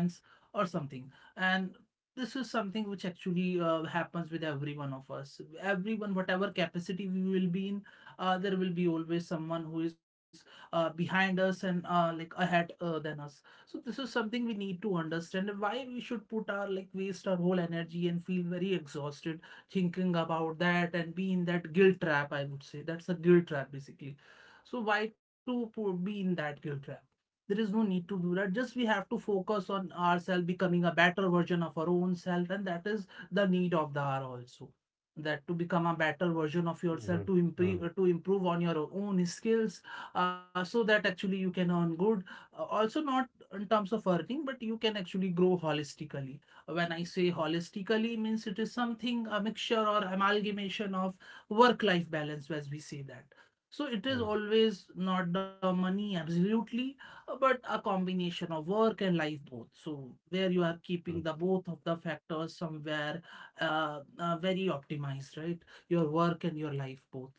A: or something. And this is something which actually, happens with every one of us, everyone, whatever capacity we will be in, there will be always someone who is, behind us, and, like ahead, than us. So this is something we need to understand. And why we should put our, like, waste our whole energy and feel very exhausted thinking about that and be in that guilt trap? I would say that's a guilt trap basically. So why to be in that guilt trap? There is no need to do that. Just we have to focus on ourselves becoming a better version of our own self, and that is the need of the hour also. That to become a better version of yourself,
B: right? Hmm.
A: to improve on your own skills, so that actually you can earn good. Also, not in terms of earning, but you can actually grow holistically. When I
B: Mm,
A: say holistically, means it is something a mixture or amalgamation of work-life balance, as we say that. So it is
B: mm,
A: always not the money, absolutely, but a combination of work and life both. So where you are
B: mm,
A: keeping the both of the factors somewhere, very optimized, right? Your work and your life both.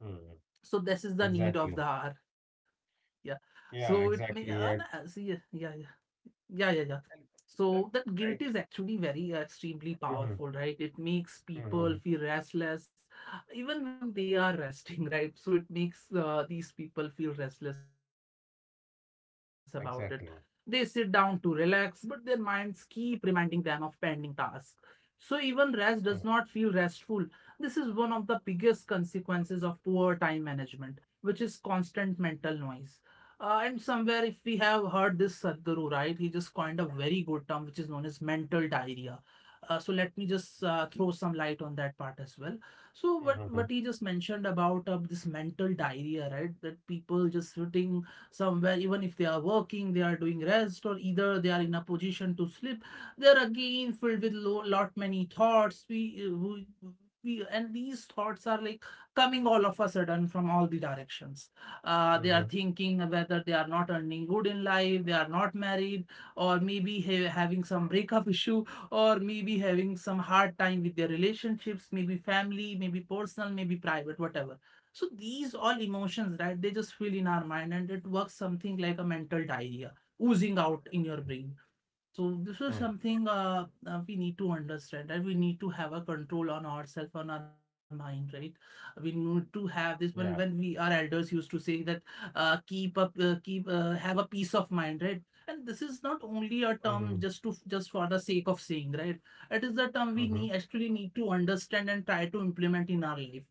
B: mm.
A: So this is the need of
B: Exactly.
A: the hour. Yeah.
B: Yeah,
A: So it may,
B: exactly.
A: see, yeah, yeah. Yeah, yeah, yeah.
B: And
A: So
B: exactly,
A: that
B: right?
A: guilt is actually very, extremely
B: Mm-hmm,
A: powerful, right? It makes people
B: mm-hmm.
A: feel restless, even when they are resting, right? So it makes, these people feel restless about it. They sit down to
B: Exactly.
A: relax, but their minds keep reminding them of pending tasks. So even rest does not feel
B: Mm,
A: restful. This is one of the biggest consequences of poor time management, which is constant mental noise. And somewhere, if we have heard this Sadhguru, right, he just coined a very good term which is known as mental diarrhea. So let me just, throw some light on that part as well. So
B: mm-hmm,
A: what he just mentioned about, this mental diarrhea, right? That people just sitting somewhere, even if they are working, they are doing rest, or either they are in a position to sleep, they are again filled with lot many thoughts. We and these thoughts are like coming all of a sudden from all the directions. Uh, they are
B: mm-hmm,
A: thinking whether they are not earning good in life, they are not married, or maybe having some breakup issue, or maybe having some hard time with their relationships, maybe family, maybe personal, maybe private, whatever. So these all emotions, right? They just feel in our mind, and it works something like a mental diarrhea oozing out in your brain. So this
B: mm-hmm.
A: is something, we need to understand, and, right? We need to have a control on ourselves, on our mind, right? We need to have this when,
B: Yeah.
A: we our elders used to say that, keep, have a peace of mind, right? And this is not only a
B: Mm,
A: term just to just for the sake of saying, right? It is the term
B: mm-hmm,
A: we need actually need to understand and try to implement in our life.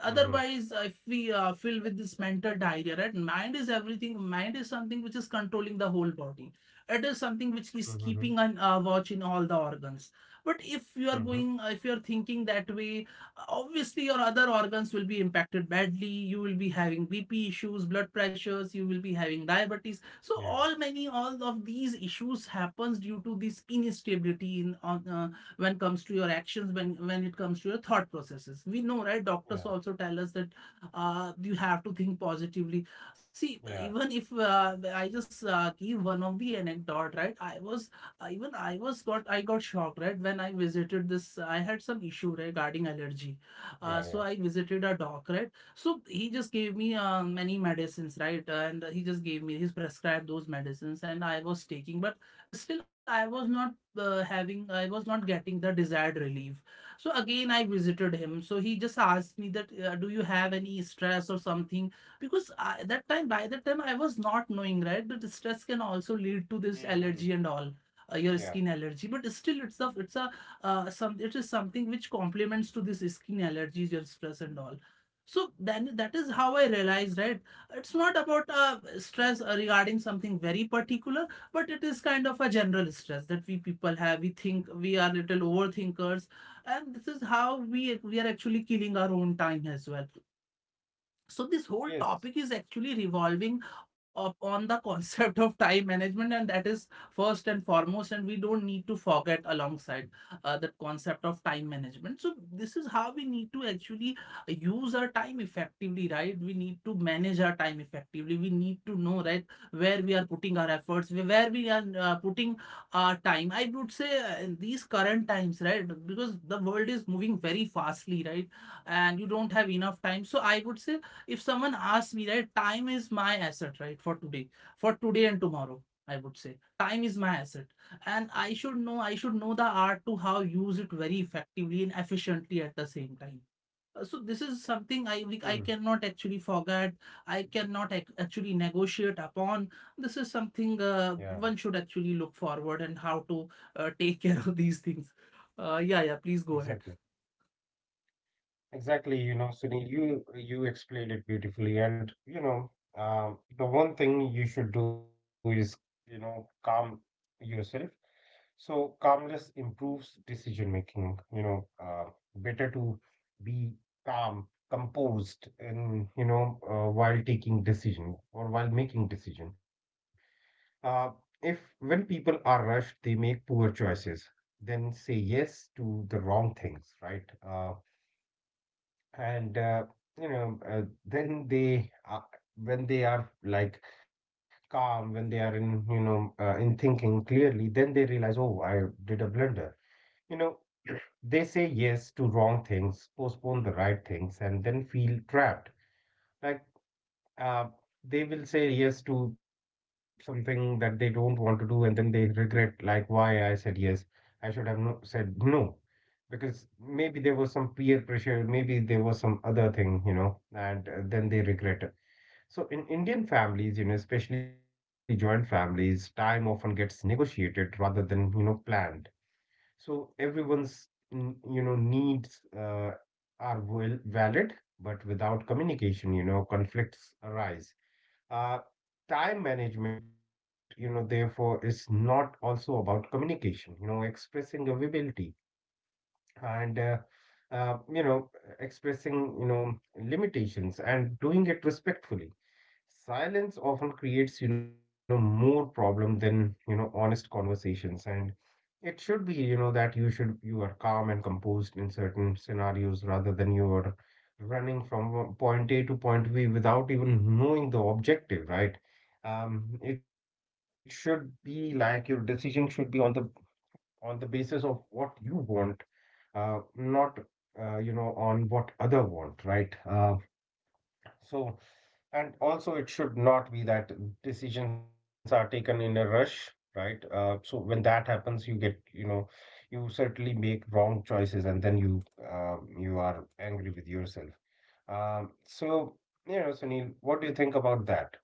B: mm-hmm,
A: Otherwise, if we filled with this mental diarrhea, right, mind is everything. Mind is something which is controlling the whole body. It is something which
B: mm-hmm,
A: is keeping an watch in all the organs. But if you
B: mm-hmm.
A: are going if you are thinking that way, obviously your other organs will be impacted badly. You will be having bp issues, blood pressures. You will be having
B: Yeah,
A: diabetes. So all many all of these issues happens due to this instability in on when it comes to your actions, when it comes to your thought processes. We know, right,
B: yeah,
A: doctors also tell us that you have to think positively. See,
B: yeah,
A: even if I just give one of the anecdote, right I was even I was got I got shocked, right, when I visited this. I had some issue, right, regarding allergy. uh,
B: yeah,
A: so
B: yeah.
A: I visited a doc, right. So he just gave me many medicines, right, and he just gave me he's prescribed those medicines, and I was taking, but still I was not getting the desired relief. So again I visited him. So he just asked me that, do you have any stress or something? Because I, that time by that time I was not knowing, right, that stress can also lead to this
B: Mm-hmm.
A: allergy and all. Your
B: Yeah.
A: skin allergy, but still it is something which complements to this skin allergies, your stress and all. So then that is how I realized, right, it's not about stress regarding something very particular, but it is kind of a general stress that we people have. We think we are little overthinkers, and this is how we we are actually killing our own time as well. So this whole
B: Yes.
A: topic is actually revolving up on the concept of time management, and that is first and foremost, and we don't need to forget alongside the concept of time management. So this is how we need to actually use our time effectively, right? We need to manage our time effectively. We need to know, right, where we are putting our efforts, where we are putting our time. I would say in these current times, right, because the world is moving very fastly, right, and you don't have enough time. So I would say if someone asks me, right, time is my asset, right, for today, for today and tomorrow, I would say time is my asset, and I should know the art to how use it very effectively and efficiently at the same time. So this is something I
B: Mm,
A: cannot actually forget. I cannot actually negotiate upon. This is
B: yeah,
A: something one should actually look forward and how to take care of these things. Yeah, yeah, please go
B: exactly.
A: ahead.
B: Exactly, you know, Sunil, you explained it beautifully, and the one thing you should do is, calm yourself. So calmness improves decision making. You know, better to be calm, composed, and while taking decision or while making decision. Uh, if when people are rushed, they make poor choices, then say yes to the wrong things, right? And you know then they when they are like calm, when they are in in thinking clearly, then they realize, oh, I did a blunder, you know. They say yes to wrong things, postpone the right things, and then feel trapped, like, uh, they will say yes to something that they don't want to do, and then they regret, like, why I said yes. I should have said no, because maybe there was some peer pressure, maybe there was some other thing, you know, and then they regret it. So in Indian families, especially joint families, time often gets negotiated rather than, planned. So everyone's, mm, needs are well valid, but without communication, conflicts arise. Uh, time management, therefore is not also about communication, expressing availability and uh, you know expressing, limitations, and doing it respectfully. Silence often creates, more problem than, honest conversations. And it should be, that you should, you are calm and composed in certain scenarios, rather than you are running from point A to point B without even knowing the objective, right? It should be like your decision should be on the basis of what you want, not on what other want, right? So and also it should not be that decisions are taken in a rush, right? So when that happens you get, you certainly make wrong choices, and then you, you are angry with yourself. So Sunil, what do you think about that?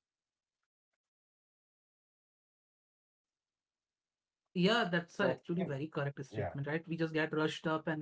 A: Yeah, that's actually very correct statement, right?
B: So
A: We
B: you
A: just
B: know,
A: get rushed up,
B: yeah.
A: and then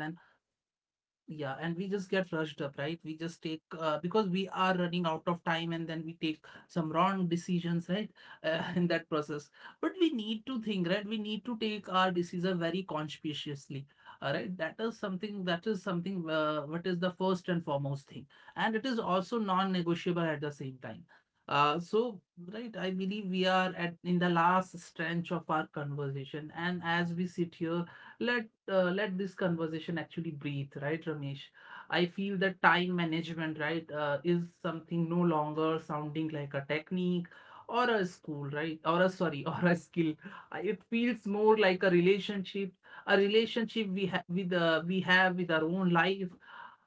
A: yeah, and we just get rushed up, right? We just take because we are running out of time, and then we take some wrong decisions, right? In that process, but we need to think, right? We need to take our decision very conscientiously, all right? That is something. That is something. What is the first and foremost thing, and it is also non-negotiable at the same time. So right, I believe we are at in the last stretch of our conversation, and as we sit here, let let this conversation actually breathe, right, Ramesh? I feel that time management, right, is something no longer sounding like a technique or a school, right, or a sorry, or a skill. It feels more like a relationship we have with our own life.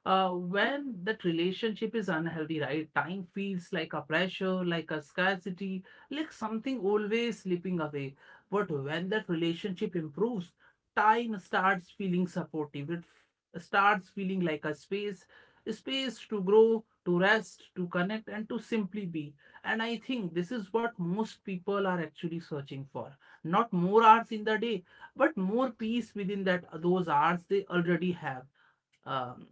A: When that relationship is unhealthy, right, time feels like a pressure, like a scarcity, like something always slipping away. But when that relationship improves, time starts feeling supportive. It starts feeling like a space to grow, to rest, to connect, and to simply be. And I think this is what most people are actually searching for. Not more hours in the day, but more peace within that those hours they already have. Um,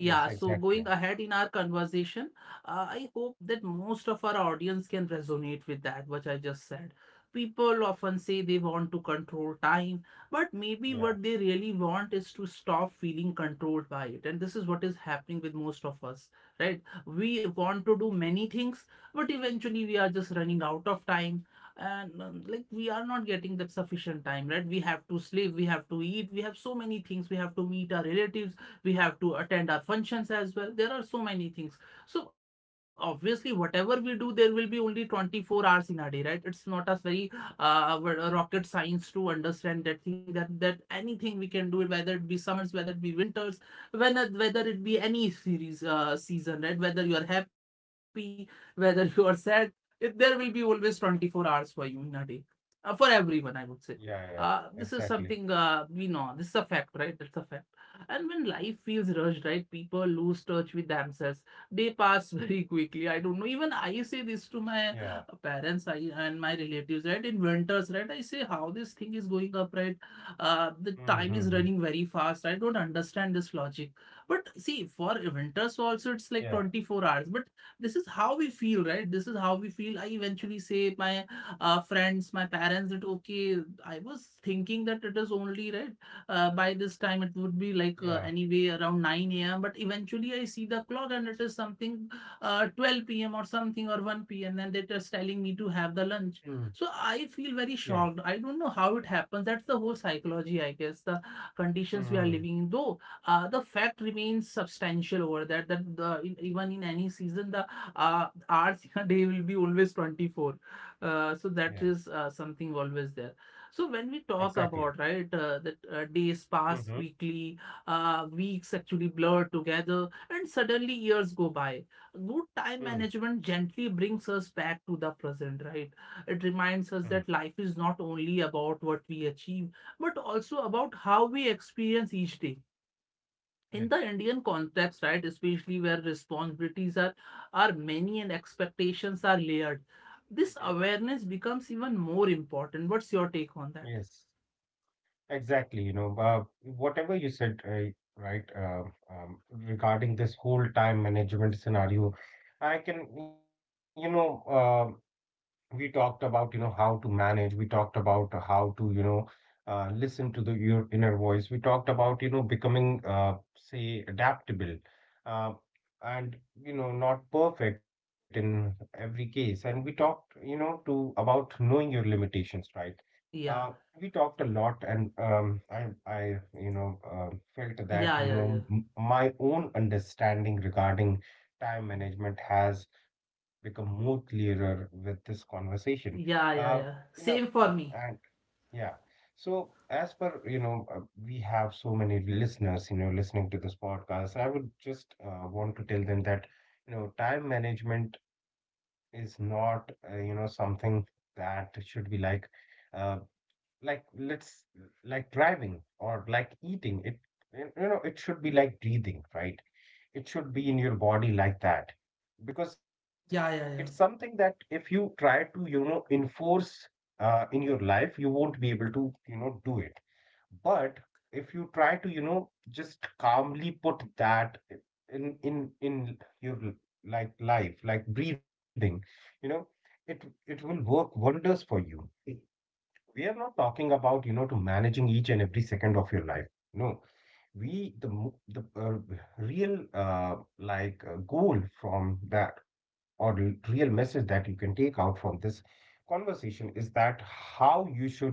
A: Yeah,
B: Yes,
A: so
B: exactly.
A: going ahead in our conversation, I hope that most of our audience can resonate with that, which I just said. People often say they want to control time, but
B: Yeah,
A: maybe what they really want is to stop feeling controlled by it. And this is what is happening with most of us, right? We want to do many things, but eventually we are just running out of time. And like we are not getting that sufficient time, right? We have to sleep, we have to eat, we have so many things, we have to meet our relatives, we have to attend our functions as well, there are so many things. So obviously whatever we do, there will be only 24 hours in a day, right? It's not as very uh, rocket science to understand that thing, that that anything we can do it, whether it be summers, whether it be winters, whether it be any series season, right, whether you are happy, whether you are sad, it, there will be always 24 hours for you in a day, for everyone, I would say. Uh,
B: yeah, yeah,
A: this is something
B: exactly.
A: we know, this is a fact, right, that's a fact. And when life feels rushed, right, people lose touch with themselves. They pass very quickly. I don't know. Even I say this to my
B: Yeah,
A: parents, I, and my relatives, right? In winters, right? I say how this thing is going up, right? The time
B: mm-hmm.
A: is
B: Hmm,
A: running very fast. I don't understand this logic. But see, for winters also, it's like
B: yeah,
A: 24 hours. But this is how we feel, right? This is how we feel. I eventually say my friends, my parents that, okay, I was thinking that it is only, right, by this time it would be like
B: yeah.
A: anyway around 9 a.m. But eventually I see the clock and it is something 12 p.m. or something or 1 p.m., and they're just telling me to
B: Hmm.
A: have the lunch. So I
B: Yeah.
A: feel very shocked. I don't know how it happens. That's the whole psychology, I guess, the
B: Mm-hmm.
A: conditions we are living in. Though the fact remains substantial over that, that the, in, even in any season, the hours in a day will be always 24. So
B: Yeah.
A: that is something always there. So when we talk
B: Exactly.
A: about, right, that days pass
B: Mm-hmm.
A: quickly, weeks actually blur together, and suddenly years go by. Good time
B: Mm-hmm.
A: management gently brings us back to the present, right? It reminds us that life is not only about what we achieve, but also about how we experience each day.
B: Yeah.
A: In the Indian context, right, especially where responsibilities are many and expectations are layered,
B: Mm-hmm.
A: this awareness becomes even more important. What's your take on
B: Yes.
A: that?
B: Exactly. You know, whatever you said, right, uh, regarding this whole time management scenario, I can, we talked about, how to manage. We talked about how to, listen to the your inner voice. We talked about, becoming, say, adaptable, uh, and not perfect in every case. And we talked, you know to about knowing your limitations, right? uh,
A: Yeah.
B: we talked a lot, and I you know felt that,
A: Yeah, yeah, yeah.
B: my own understanding regarding time management has become more clearer with this conversation.
A: Yeah,
B: Uh,
A: yeah, yeah.
B: you know,
A: Same for me.
B: and yeah. So as per, we have so many listeners, listening to this podcast. I would just want to tell them that, time management is not, something that should be uh, like let's like driving or like eating. It, it should be like breathing, right? It should be in your body like that, because it's
A: Yeah, yeah, yeah.
B: something that if you try to, enforce, in your life, you won't be able to, do it. But if you try to, just calmly put that in your like life, like breathing, you know. It it will work wonders for you. We are not talking about, you know to managing each and every second of your life. No. We, the mo- the real, goal from that, or the real message that you can take out from this conversation is that how you should,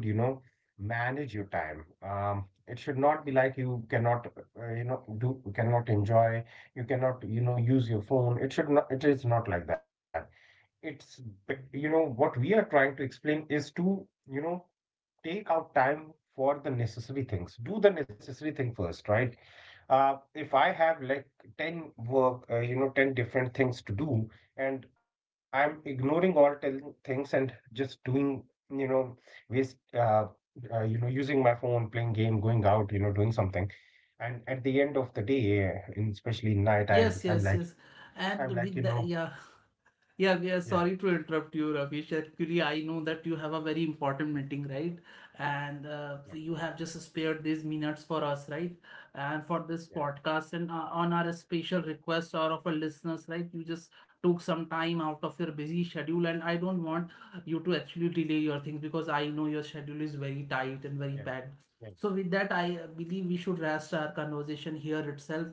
B: manage your time. Um, it should not be like you cannot, do, cannot enjoy, you cannot, use your phone. It should not, it is not like that. It's b- what we are trying to explain is to, you know take out time for the necessary things. Do the necessary thing first, right? If I have like 10 work, 10 different things to do, and I'm ignoring all 10 things and just doing, you know, waste, using my phone, playing game, going out, doing something. And at the end of the day, in especially night,
A: Yes,
B: I'm
A: yes,
B: like,
A: yes. And
B: I'm like, you
A: with the
B: know,
A: yeah.
B: yeah,
A: Yeah, yeah, sorry to interrupt you, Ravish. Actually, I know that you have a very important meeting, right? And
B: yeah,
A: you have just spared these minutes for us, right? And for
B: yeah,
A: this podcast and on our special request or of our listeners, right? You just took some time out of your busy schedule, and I don't want you to actually delay your things, because I know your schedule is very tight and
B: yeah,
A: very bad.
B: yeah.
A: So with that, I believe we should rest our conversation here itself.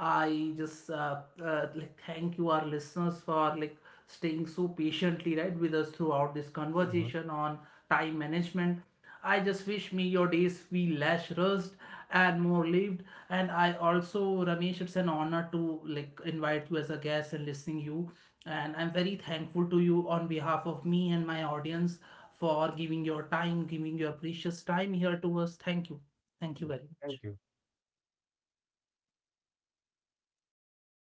A: I just like thank you, our listeners, for like staying so patiently, right, with us throughout this
B: Hmm.
A: conversation on time management. I just wish me your days be less rushed and more lived. And I also, Ramesh, it's an honor to like invite you as a guest and listening you. And I'm very thankful to you on behalf of me and my audience for giving your time, giving your precious time here to us. Thank you. Thank you very
B: Thank
A: much.
B: you.